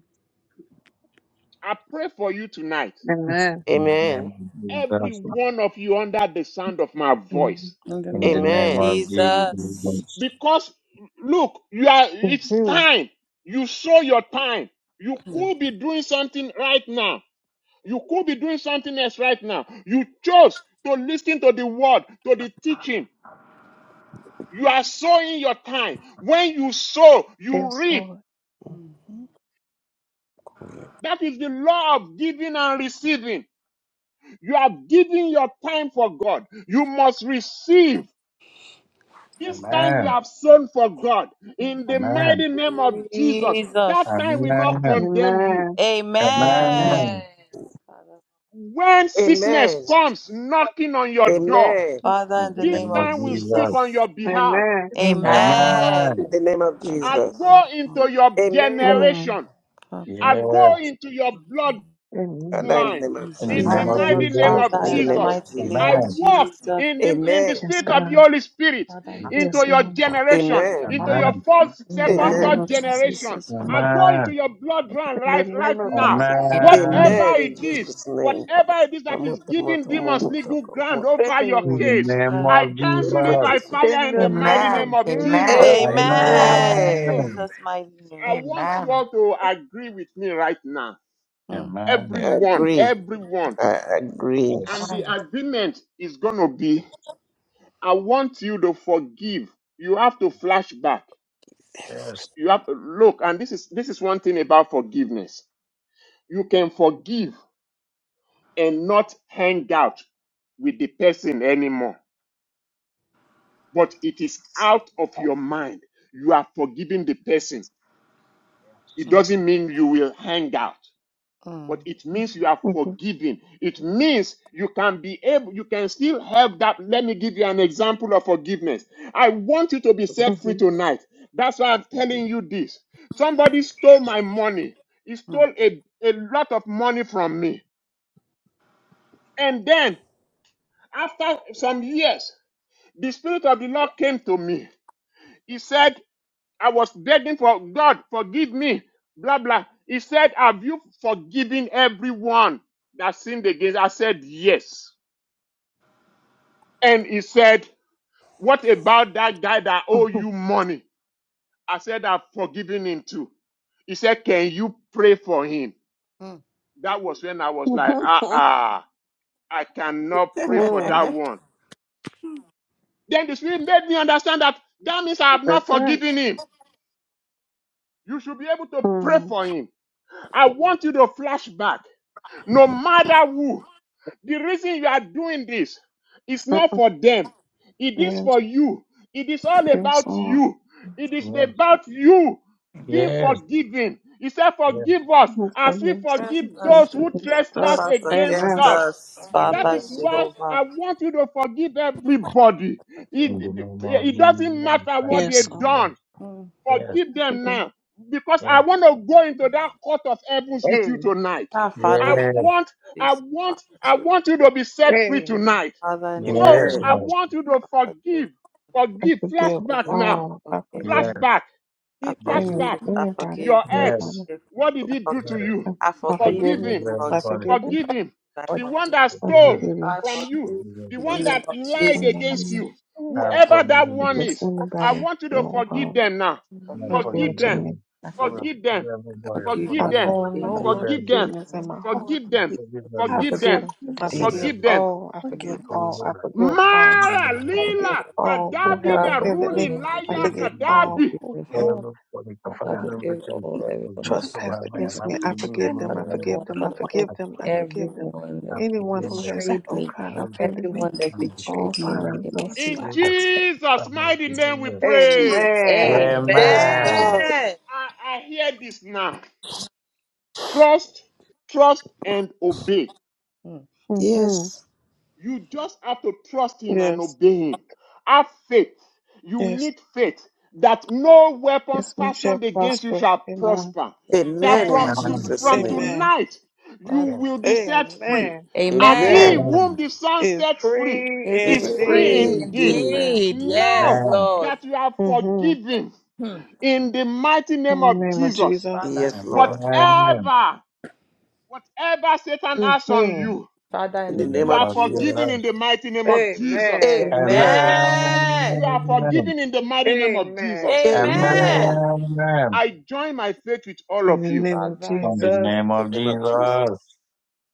Speaker 1: I pray for you tonight.
Speaker 7: Amen.
Speaker 5: In the name
Speaker 6: Amen.
Speaker 5: of
Speaker 1: Every
Speaker 5: Jesus.
Speaker 1: one of you under the sound of my
Speaker 7: Mm-hmm.
Speaker 1: voice.
Speaker 2: In the
Speaker 5: In the
Speaker 2: name of
Speaker 5: name
Speaker 6: Amen.
Speaker 5: of
Speaker 2: Jesus.
Speaker 5: Jesus.
Speaker 1: Because look, you are it's
Speaker 7: Mm-hmm.
Speaker 1: time. You saw your time. You
Speaker 2: Mm.
Speaker 1: could be doing something right now. You could be doing something else right now. You chose to listen to the word, to the teaching. You are sowing your time. When you sow, you
Speaker 7: Yes,
Speaker 1: reap.
Speaker 7: Lord.
Speaker 1: That is the law of giving and receiving. You are giving your time for God. You must receive This time you
Speaker 5: Amen.
Speaker 1: have sown for God in the
Speaker 2: Mm.
Speaker 5: Amen.
Speaker 1: mighty name of Jesus.
Speaker 2: Jesus.
Speaker 1: That time will not
Speaker 10: Amen.
Speaker 5: Amen.
Speaker 1: condemn you.
Speaker 7: Amen. Amen.
Speaker 2: Amen.
Speaker 5: Amen.
Speaker 2: Father,
Speaker 1: When sickness
Speaker 6: Amen.
Speaker 1: comes knocking on your door,
Speaker 6: Amen.
Speaker 2: Father,
Speaker 5: In
Speaker 2: in
Speaker 5: the
Speaker 2: the
Speaker 1: this
Speaker 2: name
Speaker 5: name of
Speaker 2: of
Speaker 1: time will speak
Speaker 5: Jesus.
Speaker 1: on
Speaker 2: Jesus.
Speaker 1: your behalf.
Speaker 7: Amen.
Speaker 10: Amen.
Speaker 6: In
Speaker 5: Amen.
Speaker 2: Amen.
Speaker 6: the name of
Speaker 1: I
Speaker 2: Father,
Speaker 6: Jesus.
Speaker 1: go
Speaker 2: Jehovah.
Speaker 1: into your
Speaker 6: Amen.
Speaker 7: Mm.
Speaker 1: generation.
Speaker 2: Father,
Speaker 1: I
Speaker 2: Jehovah.
Speaker 1: go
Speaker 5: Yes.
Speaker 1: into your
Speaker 2: In
Speaker 1: blood.
Speaker 2: the
Speaker 7: Amen.
Speaker 2: name
Speaker 6: Father,
Speaker 2: of
Speaker 6: in
Speaker 1: line
Speaker 6: the name of
Speaker 5: In the
Speaker 7: In
Speaker 1: in
Speaker 2: Jesus.
Speaker 7: the
Speaker 1: the
Speaker 5: name
Speaker 10: Amen.
Speaker 5: of
Speaker 6: Jesus.
Speaker 7: name
Speaker 1: mighty
Speaker 7: of
Speaker 1: name
Speaker 5: Jesus.
Speaker 1: of
Speaker 2: Father,
Speaker 6: In
Speaker 7: Jesus.
Speaker 6: the
Speaker 2: in the
Speaker 6: name
Speaker 1: Jesus.
Speaker 6: of
Speaker 2: mighty name
Speaker 1: I
Speaker 6: Jesus.
Speaker 10: Amen.
Speaker 2: of
Speaker 5: Amen.
Speaker 1: walk
Speaker 2: Jesus.
Speaker 1: in the in the
Speaker 6: Amen.
Speaker 7: Yes,
Speaker 1: spirit of the
Speaker 7: God.
Speaker 1: Holy Spirit
Speaker 2: Father, in the,
Speaker 5: Yes.
Speaker 10: Amen.
Speaker 7: Yes,
Speaker 1: into your
Speaker 7: Lord.
Speaker 2: Father, in
Speaker 1: generation,
Speaker 2: the
Speaker 6: Amen.
Speaker 10: Amen. Amen. Amen.
Speaker 1: into your
Speaker 5: Amen.
Speaker 1: first,
Speaker 7: In the
Speaker 1: second,
Speaker 7: name
Speaker 6: Amen.
Speaker 1: third
Speaker 2: mighty
Speaker 7: of
Speaker 2: name of
Speaker 7: Jesus.
Speaker 1: generation.
Speaker 2: Jesus. Father,
Speaker 1: I go into
Speaker 5: Amen.
Speaker 1: your bloodline
Speaker 7: In the
Speaker 1: right right
Speaker 7: name of
Speaker 1: now.
Speaker 7: Jesus.
Speaker 5: Amen.
Speaker 1: Whatever
Speaker 6: Amen. In
Speaker 1: it is,
Speaker 6: Jesus' name.
Speaker 1: whatever it is that
Speaker 6: Amen.
Speaker 1: is giving demons legal ground over your
Speaker 5: In
Speaker 7: Amen.
Speaker 5: the
Speaker 1: case,
Speaker 5: name
Speaker 2: Lord.
Speaker 1: I
Speaker 5: of
Speaker 1: cancel it
Speaker 5: Jesus.
Speaker 1: by fire
Speaker 7: In
Speaker 1: in the
Speaker 7: the
Speaker 1: mighty
Speaker 7: name
Speaker 1: name
Speaker 7: of
Speaker 1: of Jesus.
Speaker 7: Jesus.
Speaker 6: Amen.
Speaker 7: Amen.
Speaker 2: Amen. In
Speaker 6: I
Speaker 7: Mm.
Speaker 5: Amen.
Speaker 2: Jesus' mighty name.
Speaker 1: I
Speaker 10: Amen.
Speaker 1: want you all to agree with me right now.
Speaker 2: Mm,
Speaker 5: Amen.
Speaker 1: Everyone,
Speaker 6: agree.
Speaker 1: everyone.
Speaker 6: I agree.
Speaker 1: And
Speaker 5: Yes.
Speaker 1: the
Speaker 10: Amen.
Speaker 1: agreement is going to be I want you to forgive. You have to flash back.
Speaker 5: Yes. Yes.
Speaker 1: You have look, and this is this is one thing about forgiveness. You can forgive and not hang out with the person anymore, but it is out of your mind. You are forgiving the person. It
Speaker 2: mm,
Speaker 1: doesn't mean you will hang out. but
Speaker 2: mm,
Speaker 1: it means you are
Speaker 7: Mhm.
Speaker 1: forgiven. It means you can be able, you can still have that. Let me give you an example of forgiveness. I want you to be set free
Speaker 7: Mhm.
Speaker 1: tonight. That's why I'm telling you this. Somebody stole my money. He stole a, a lot of money from me. And then, after some years, the Spirit of the Lord came to me. He said, I was begging for God, forgive me, blah, blah. He said, Have you forgiven everyone that sinned against? I said, Yes. And he said, What about that guy that owe you
Speaker 7: Mhm.
Speaker 1: money? I said, I've forgiven him too. He said, Can you pray for him?
Speaker 2: mm,
Speaker 1: That was when I was like, Ah,
Speaker 7: Mhm.
Speaker 1: ah, I cannot pray for that
Speaker 7: Mm.
Speaker 2: mm.
Speaker 1: one. Then the Spirit made me understand that that means I have not
Speaker 7: That's right.
Speaker 1: forgiven him. You should be able to pray
Speaker 7: Mm.
Speaker 1: for him. I want you to flash back. No matter who, the reason you are doing this is
Speaker 7: Mm.
Speaker 1: not for them. It is
Speaker 7: Yes,
Speaker 1: for you. It is all
Speaker 7: yes,
Speaker 1: about
Speaker 7: Lord.
Speaker 1: you. It is
Speaker 5: Yes.
Speaker 1: about you being
Speaker 10: Amen.
Speaker 5: Yes.
Speaker 1: forgiven. He said,
Speaker 5: Yes.
Speaker 1: Forgive us
Speaker 7: Yes, the
Speaker 1: as we
Speaker 7: Lord
Speaker 1: forgive
Speaker 2: Yes,
Speaker 7: sufficient
Speaker 1: those who
Speaker 7: against
Speaker 10: That's
Speaker 1: trespass
Speaker 10: what
Speaker 2: fought
Speaker 7: us.
Speaker 1: against
Speaker 2: against
Speaker 7: Amen.
Speaker 10: Jesus.
Speaker 1: us.
Speaker 2: us,
Speaker 10: Amen.
Speaker 1: That
Speaker 2: Father
Speaker 1: is
Speaker 5: Yes.
Speaker 1: why I
Speaker 2: Jehovah.
Speaker 1: want you to forgive everybody.
Speaker 5: In the
Speaker 1: It,
Speaker 5: name of
Speaker 1: it doesn't
Speaker 5: Jesus.
Speaker 1: matter
Speaker 5: Thank
Speaker 1: what
Speaker 5: you,
Speaker 7: Yes,
Speaker 1: they've
Speaker 7: Lord.
Speaker 5: Lord.
Speaker 1: done.
Speaker 2: Mm.
Speaker 5: Yes.
Speaker 1: Forgive
Speaker 7: I
Speaker 1: them
Speaker 7: forgive.
Speaker 1: now. Because I
Speaker 5: Yes.
Speaker 1: want to go into that court of heavens with you
Speaker 7: Hey,
Speaker 1: tonight.
Speaker 2: Our
Speaker 1: I
Speaker 2: Father in
Speaker 5: Yes.
Speaker 1: want, I
Speaker 2: Jesus,
Speaker 1: want,
Speaker 2: Father
Speaker 1: I
Speaker 2: Jehovah.
Speaker 1: want you to be set free
Speaker 7: hey.
Speaker 1: tonight.
Speaker 2: Father in the name
Speaker 1: So
Speaker 5: Yes,
Speaker 6: Amen.
Speaker 1: I
Speaker 5: Lord.
Speaker 1: want you to
Speaker 2: of Father Jehovah.
Speaker 1: forgive,
Speaker 7: I
Speaker 1: forgive,
Speaker 7: forgive
Speaker 2: please
Speaker 1: flashback now,
Speaker 7: all. I
Speaker 2: forgive,
Speaker 5: Yes.
Speaker 7: forgive.
Speaker 1: flashback,
Speaker 2: I
Speaker 5: Yes.
Speaker 7: Amen.
Speaker 1: flashback.
Speaker 2: forgive, I
Speaker 7: Anybody,
Speaker 2: forgive,
Speaker 1: Your
Speaker 2: I
Speaker 5: Yes.
Speaker 1: ex,
Speaker 7: anybody.
Speaker 2: forgive,
Speaker 1: what did
Speaker 2: I
Speaker 1: he do
Speaker 2: forgive,
Speaker 1: to
Speaker 5: Yes.
Speaker 1: you?
Speaker 7: I,
Speaker 2: I
Speaker 7: I
Speaker 5: And
Speaker 2: forgive
Speaker 7: forgive
Speaker 1: Forgive
Speaker 2: in
Speaker 7: you.
Speaker 1: him
Speaker 2: the
Speaker 5: forgive
Speaker 2: name of
Speaker 7: I
Speaker 5: everybody.
Speaker 2: Jesus.
Speaker 7: forgive you.
Speaker 1: Forgive him.
Speaker 2: I
Speaker 1: The
Speaker 6: Everybody.
Speaker 1: one
Speaker 2: forgive,
Speaker 1: that
Speaker 7: I
Speaker 5: Forgive.
Speaker 1: stole
Speaker 7: forgive
Speaker 2: I
Speaker 7: you.
Speaker 1: from you,
Speaker 2: forgive
Speaker 5: Forgive
Speaker 1: the
Speaker 2: in the
Speaker 1: one
Speaker 5: everybody.
Speaker 2: name
Speaker 1: that
Speaker 2: of
Speaker 1: lied
Speaker 2: Jesus.
Speaker 7: In the
Speaker 1: against
Speaker 7: name.
Speaker 1: you,
Speaker 5: I
Speaker 2: Yeah,
Speaker 1: whoever
Speaker 5: forgive.
Speaker 1: that
Speaker 7: of- If
Speaker 5: you.
Speaker 1: one
Speaker 7: there's
Speaker 1: is, I
Speaker 2: Jesus,
Speaker 7: anybody,
Speaker 1: want you to
Speaker 7: Lord.
Speaker 1: forgive them now.
Speaker 5: and
Speaker 2: forgive.
Speaker 7: Reveal
Speaker 5: forgive
Speaker 1: Forgive
Speaker 7: to
Speaker 1: them.
Speaker 7: me.
Speaker 5: them.
Speaker 2: I forgive,
Speaker 5: to
Speaker 1: Forgive them.
Speaker 5: Forgive everybody.
Speaker 2: forgive,
Speaker 7: I
Speaker 1: Forgive
Speaker 2: I
Speaker 5: Forgive
Speaker 1: them.
Speaker 7: hold
Speaker 2: forgive,
Speaker 7: no
Speaker 2: I
Speaker 10: Lord,
Speaker 2: forgive.
Speaker 1: Forgive
Speaker 5: them.
Speaker 1: them.
Speaker 7: unforgiveness in
Speaker 10: good
Speaker 2: I
Speaker 7: my
Speaker 10: God,
Speaker 7: heart,
Speaker 1: Forgive
Speaker 7: Lord.
Speaker 1: them.
Speaker 5: Forgive everybody. Forgive
Speaker 7: I
Speaker 5: everyone.
Speaker 1: Forgive
Speaker 7: forgive.
Speaker 1: them.
Speaker 7: I
Speaker 5: Forgive
Speaker 2: forgive.
Speaker 10: Jesus.
Speaker 7: forgive
Speaker 1: Forgive them.
Speaker 5: everybody.
Speaker 7: all. I forgive
Speaker 10: Thank you,
Speaker 5: Hold
Speaker 7: all.
Speaker 10: Jesus.
Speaker 5: them
Speaker 7: I
Speaker 5: back.
Speaker 7: forgive
Speaker 5: Forgive
Speaker 7: all.
Speaker 1: Mara
Speaker 7: I
Speaker 5: everyone.
Speaker 7: forgive
Speaker 1: Lila
Speaker 7: all who
Speaker 5: Forgive
Speaker 10: Amen.
Speaker 2: I
Speaker 1: Kadabi
Speaker 7: have
Speaker 2: forgive.
Speaker 1: the
Speaker 5: everyone.
Speaker 7: offended me.
Speaker 1: ruling
Speaker 2: I
Speaker 7: I
Speaker 5: Forgive
Speaker 1: liar
Speaker 2: forgive.
Speaker 7: forgive
Speaker 5: everybody.
Speaker 7: all
Speaker 1: Kadabi.
Speaker 2: even
Speaker 7: who
Speaker 2: if
Speaker 7: have,
Speaker 5: Everybody.
Speaker 7: oh
Speaker 2: I
Speaker 5: Kafara
Speaker 2: have to
Speaker 7: God,
Speaker 5: member
Speaker 2: give
Speaker 5: church.
Speaker 2: all
Speaker 5: Forgive
Speaker 2: everyone is
Speaker 5: so
Speaker 2: just
Speaker 5: high
Speaker 7: trespassed
Speaker 5: man.
Speaker 7: against
Speaker 5: I
Speaker 7: me. I
Speaker 5: forgive you.
Speaker 7: forgive them.
Speaker 5: Lord,
Speaker 7: I
Speaker 5: you
Speaker 2: everyone,
Speaker 7: forgive
Speaker 5: know
Speaker 7: them.
Speaker 5: that
Speaker 7: I
Speaker 2: Father Lord,
Speaker 7: forgive
Speaker 5: I
Speaker 7: them. I
Speaker 5: forgive.
Speaker 7: forgive them.
Speaker 2: everyone
Speaker 5: I
Speaker 2: that
Speaker 7: Anyone
Speaker 5: forgive
Speaker 7: who
Speaker 5: them.
Speaker 7: has,
Speaker 2: betrayed
Speaker 7: oh
Speaker 2: me,
Speaker 7: God,
Speaker 5: Forgive them.
Speaker 7: offended
Speaker 5: I
Speaker 7: me.
Speaker 2: everyone that
Speaker 7: Oh,
Speaker 2: betrayed me in
Speaker 5: forgive
Speaker 2: the
Speaker 5: them. Forgive
Speaker 7: Father,
Speaker 5: them.
Speaker 2: name of
Speaker 7: Jesus.
Speaker 2: Jesus.
Speaker 1: In
Speaker 5: Forgive them.
Speaker 1: Jesus'
Speaker 5: Father,
Speaker 1: mighty
Speaker 5: forgive
Speaker 1: name we
Speaker 5: them.
Speaker 1: pray.
Speaker 2: Amen.
Speaker 7: Amen.
Speaker 10: Amen.
Speaker 5: Amen.
Speaker 6: Amen.
Speaker 1: I, I hear this now. Trust, trust, and obey.
Speaker 2: Mm.
Speaker 7: Mm-hmm.
Speaker 6: Yes.
Speaker 1: You just have to trust him and
Speaker 7: Yes.
Speaker 1: obey him. Have faith. You
Speaker 7: Yes.
Speaker 1: need faith that no weapons
Speaker 7: Yes, we shall
Speaker 1: fashioned against you
Speaker 7: prosper.
Speaker 1: shall
Speaker 7: Amen.
Speaker 1: prosper. That
Speaker 6: Amen in
Speaker 2: Amen.
Speaker 1: from,
Speaker 10: Amen.
Speaker 5: Amen.
Speaker 1: to,
Speaker 6: Jesus'
Speaker 1: from
Speaker 6: name.
Speaker 2: Amen.
Speaker 7: Amen.
Speaker 1: tonight you
Speaker 2: Father,
Speaker 1: will
Speaker 5: Yes.
Speaker 2: in
Speaker 1: be
Speaker 2: the name of
Speaker 1: set
Speaker 2: Jesus.
Speaker 1: free.
Speaker 7: Amen.
Speaker 1: And
Speaker 2: Amen.
Speaker 1: he
Speaker 10: Amen.
Speaker 6: Amen.
Speaker 5: Amen.
Speaker 1: whom the Son
Speaker 7: Is
Speaker 1: sets free
Speaker 7: free
Speaker 2: It's
Speaker 1: is
Speaker 6: It's
Speaker 10: Amen.
Speaker 1: free
Speaker 6: free
Speaker 7: indeed.
Speaker 2: free
Speaker 5: Amen.
Speaker 1: indeed.
Speaker 6: indeed.
Speaker 7: Amen.
Speaker 2: indeed. Yes,
Speaker 1: Now
Speaker 5: Amen.
Speaker 2: Lord.
Speaker 1: that you are
Speaker 7: hmm In
Speaker 1: forgiven
Speaker 2: Hmm.
Speaker 1: in the mighty
Speaker 7: the
Speaker 1: name of
Speaker 7: name of
Speaker 1: Jesus,
Speaker 7: Jesus.
Speaker 2: Father,
Speaker 6: Yes, Lord.
Speaker 5: Amen.
Speaker 1: whatever, whatever Satan has on
Speaker 7: hmm
Speaker 5: In
Speaker 1: you,
Speaker 2: Father,
Speaker 6: In
Speaker 2: in
Speaker 5: the
Speaker 6: the
Speaker 2: the name
Speaker 6: name
Speaker 1: You
Speaker 5: name
Speaker 2: of
Speaker 1: are
Speaker 6: of
Speaker 5: of
Speaker 2: Jesus.
Speaker 1: forgiven
Speaker 6: Jesus.
Speaker 1: in
Speaker 5: Jesus.
Speaker 1: the mighty name of Jesus.
Speaker 7: Amen.
Speaker 10: Yes.
Speaker 6: Amen.
Speaker 1: You
Speaker 2: Amen.
Speaker 1: are
Speaker 5: Amen.
Speaker 1: forgiven in the mighty name of
Speaker 7: Amen.
Speaker 1: Jesus.
Speaker 10: Amen.
Speaker 5: Amen.
Speaker 6: Amen.
Speaker 2: Amen.
Speaker 1: I join my faith with all
Speaker 7: In
Speaker 1: of
Speaker 7: the
Speaker 1: you.
Speaker 7: name of
Speaker 2: Father,
Speaker 5: In the
Speaker 7: Jesus.
Speaker 5: name
Speaker 6: In
Speaker 5: of
Speaker 6: the name of Jesus.
Speaker 5: Jesus.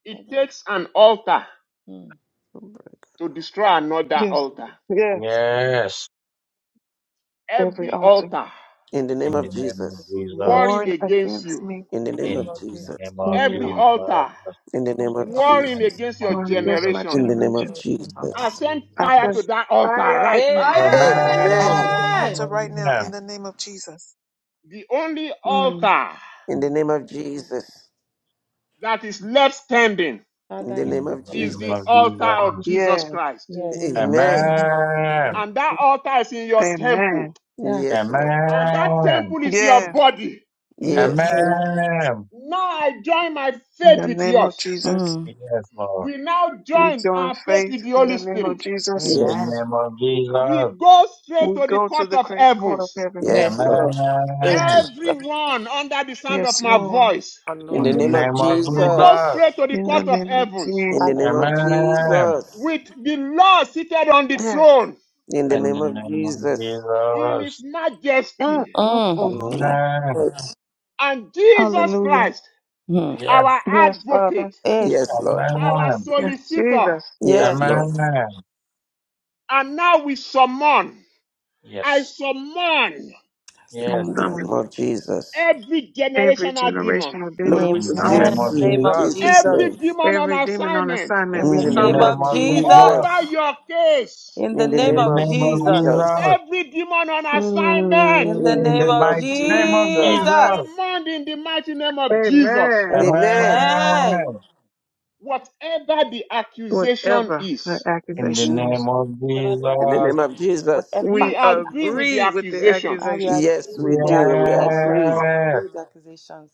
Speaker 1: It
Speaker 2: in the
Speaker 1: takes an altar
Speaker 2: Mm.
Speaker 1: to destroy another
Speaker 7: Yes.
Speaker 1: altar.
Speaker 7: Yes.
Speaker 5: Yes.
Speaker 7: Every
Speaker 1: Every
Speaker 7: altar
Speaker 1: altar
Speaker 6: In the name
Speaker 5: In the
Speaker 6: of
Speaker 2: In the
Speaker 5: name of
Speaker 6: Jesus.
Speaker 5: Jesus.
Speaker 1: warring
Speaker 7: warned
Speaker 1: against
Speaker 7: against
Speaker 1: you,
Speaker 7: me.
Speaker 6: In the name
Speaker 2: name
Speaker 5: In
Speaker 6: of
Speaker 5: the
Speaker 2: of Jesus.
Speaker 6: Jesus.
Speaker 5: name of
Speaker 7: Every
Speaker 1: every
Speaker 5: Jesus.
Speaker 7: altar
Speaker 1: altar
Speaker 6: In the name
Speaker 2: In the name
Speaker 6: of
Speaker 2: of
Speaker 5: In the
Speaker 2: Jesus.
Speaker 1: warring
Speaker 6: Jesus.
Speaker 5: name
Speaker 1: against
Speaker 5: of
Speaker 1: your
Speaker 7: warned against
Speaker 5: Jesus.
Speaker 7: my
Speaker 1: generation.
Speaker 6: In the name of
Speaker 7: generation.
Speaker 5: In the name of
Speaker 1: I
Speaker 6: Jesus.
Speaker 1: send
Speaker 7: I
Speaker 1: fire
Speaker 7: send.
Speaker 1: to
Speaker 5: Jesus.
Speaker 1: that
Speaker 7: I
Speaker 1: altar
Speaker 7: fire
Speaker 1: right now.
Speaker 7: to that
Speaker 5: Amen.
Speaker 10: Amen.
Speaker 6: Amen.
Speaker 7: altar
Speaker 2: Amen.
Speaker 7: right now in the name of Jesus.
Speaker 1: The only
Speaker 7: Mm.
Speaker 1: altar
Speaker 6: In the name of Jesus.
Speaker 1: that is left standing
Speaker 6: In
Speaker 2: Father,
Speaker 6: the
Speaker 2: in the
Speaker 6: name
Speaker 5: In
Speaker 6: of
Speaker 2: name
Speaker 5: the
Speaker 2: of
Speaker 1: is
Speaker 2: Jesus.
Speaker 5: name
Speaker 1: the
Speaker 5: of
Speaker 6: Jesus.
Speaker 1: altar of
Speaker 5: Jesus.
Speaker 1: Jesus
Speaker 7: Yes.
Speaker 1: Christ.
Speaker 7: In the
Speaker 2: Yes.
Speaker 7: name of
Speaker 10: Amen.
Speaker 6: Amen.
Speaker 10: Amen.
Speaker 7: Jesus.
Speaker 5: Amen.
Speaker 1: And that altar is in your temple.
Speaker 7: Amen.
Speaker 2: Yeah.
Speaker 6: Yes, Lord.
Speaker 1: and that
Speaker 5: Amen.
Speaker 1: temple is your
Speaker 7: Yes.
Speaker 1: body.
Speaker 6: Yes.
Speaker 10: Amen.
Speaker 2: Amen.
Speaker 5: Amen.
Speaker 1: Now I join my
Speaker 7: In
Speaker 1: faith
Speaker 7: the
Speaker 1: with
Speaker 7: name of
Speaker 1: yours.
Speaker 7: Jesus,
Speaker 2: Mm.
Speaker 5: Yes, Lord.
Speaker 1: We now
Speaker 7: we
Speaker 1: join
Speaker 7: join
Speaker 1: our faith
Speaker 7: faith.
Speaker 1: with the
Speaker 7: In
Speaker 1: Holy
Speaker 7: the name of
Speaker 1: Spirit.
Speaker 7: Jesus,
Speaker 5: In the
Speaker 10: Amen.
Speaker 6: Yes.
Speaker 5: name of
Speaker 1: We
Speaker 5: Jesus.
Speaker 1: go straight
Speaker 7: we
Speaker 1: to the
Speaker 7: go to
Speaker 1: court
Speaker 7: the
Speaker 1: of
Speaker 7: great court of
Speaker 1: heavens.
Speaker 7: heaven.
Speaker 10: Amen.
Speaker 6: Yes,
Speaker 2: Yes,
Speaker 6: Lord.
Speaker 2: Lord. Hey,
Speaker 5: Amen.
Speaker 2: Jesus.
Speaker 1: Everyone under the sound of
Speaker 7: Yes,
Speaker 1: my
Speaker 7: Lord.
Speaker 1: voice,
Speaker 2: Our
Speaker 6: In
Speaker 5: In
Speaker 6: the
Speaker 2: Lord.
Speaker 5: the
Speaker 6: name of
Speaker 5: name of
Speaker 1: we go
Speaker 6: Jesus.
Speaker 5: Jesus.
Speaker 1: straight to the
Speaker 7: In the
Speaker 1: court of
Speaker 7: name of
Speaker 1: heavens
Speaker 6: In the
Speaker 7: Jesus.
Speaker 2: Father,
Speaker 6: name
Speaker 2: Lord,
Speaker 6: of
Speaker 5: Amen.
Speaker 6: Jesus.
Speaker 1: with the Lord seated on the
Speaker 7: Yes.
Speaker 1: throne
Speaker 6: In
Speaker 2: the
Speaker 6: the
Speaker 5: In
Speaker 2: Lord.
Speaker 6: name
Speaker 5: the
Speaker 6: of
Speaker 5: name of
Speaker 6: Jesus.
Speaker 1: in his
Speaker 5: Jesus.
Speaker 7: Mm,
Speaker 1: majesty
Speaker 7: mm,
Speaker 2: Mm.
Speaker 7: mm.
Speaker 2: Our
Speaker 6: Mm.
Speaker 5: Amen.
Speaker 2: Lord.
Speaker 1: and Jesus
Speaker 7: Hallelujah.
Speaker 1: Christ,
Speaker 2: Mm.
Speaker 1: our
Speaker 5: Yes.
Speaker 7: Yes, Father.
Speaker 1: advocate,
Speaker 2: Yes.
Speaker 6: Yes, Lord.
Speaker 1: our
Speaker 5: Amen.
Speaker 7: Yes,
Speaker 1: solicitor.
Speaker 7: Jesus.
Speaker 6: Yes,
Speaker 2: Yes.
Speaker 6: Lord.
Speaker 5: Amen.
Speaker 1: And now we summon. I
Speaker 5: Yes.
Speaker 1: summon
Speaker 5: Yes,
Speaker 6: In the
Speaker 5: Lord.
Speaker 6: name
Speaker 2: Someone.
Speaker 7: Summon
Speaker 6: of Jesus.
Speaker 1: every
Speaker 7: every
Speaker 1: generational demon,
Speaker 7: generational
Speaker 6: Lord,
Speaker 7: demon.
Speaker 2: Amen.
Speaker 7: We
Speaker 5: In the
Speaker 2: In
Speaker 5: name
Speaker 7: summon
Speaker 6: Jesus.
Speaker 2: the
Speaker 5: of
Speaker 10: Amen.
Speaker 2: name
Speaker 6: in
Speaker 2: of
Speaker 5: Jesus.
Speaker 6: Jesus'
Speaker 2: Jesus.
Speaker 6: name.
Speaker 1: every demon on
Speaker 7: every demon on
Speaker 1: assignment
Speaker 7: assignment.
Speaker 2: In
Speaker 7: We
Speaker 6: In
Speaker 2: the
Speaker 6: the
Speaker 5: In the
Speaker 6: name
Speaker 2: name
Speaker 7: summon
Speaker 6: of
Speaker 5: name
Speaker 2: of
Speaker 7: you.
Speaker 5: of
Speaker 2: Jesus.
Speaker 5: Jesus.
Speaker 1: over
Speaker 6: Jesus.
Speaker 1: your case,
Speaker 2: In the
Speaker 6: In the
Speaker 5: In
Speaker 2: name
Speaker 5: the
Speaker 6: name
Speaker 2: of
Speaker 6: of
Speaker 5: name of
Speaker 2: Jesus.
Speaker 6: Jesus.
Speaker 5: Jesus.
Speaker 1: every demon on assignment,
Speaker 2: In
Speaker 7: Mm.
Speaker 2: the
Speaker 6: In the
Speaker 5: In
Speaker 2: name
Speaker 5: the
Speaker 6: name
Speaker 2: of
Speaker 6: of
Speaker 5: mighty name of
Speaker 1: you
Speaker 6: Jesus.
Speaker 1: are
Speaker 5: Jesus.
Speaker 2: Jesus.
Speaker 1: summoned in the mighty name of Jesus.
Speaker 7: Amen.
Speaker 2: Amen.
Speaker 6: Amen.
Speaker 5: Amen.
Speaker 1: Whatever the accusation
Speaker 7: Whatever her
Speaker 1: is,
Speaker 5: In the
Speaker 7: accusation is,
Speaker 5: name of
Speaker 2: Whatever the
Speaker 6: In the
Speaker 5: Jesus.
Speaker 6: name
Speaker 2: accusation
Speaker 6: of
Speaker 2: is,
Speaker 6: Jesus.
Speaker 2: whatever
Speaker 7: we
Speaker 1: we
Speaker 2: the
Speaker 1: agree with
Speaker 2: accusation
Speaker 1: the
Speaker 7: agree
Speaker 2: is,
Speaker 7: with the
Speaker 1: accusation.
Speaker 2: I will
Speaker 7: accusation
Speaker 6: Yes,
Speaker 2: agree
Speaker 6: we
Speaker 2: with the
Speaker 6: do. We
Speaker 2: accusations.
Speaker 6: agree.
Speaker 2: I agree
Speaker 5: Yes.
Speaker 2: with the accusations.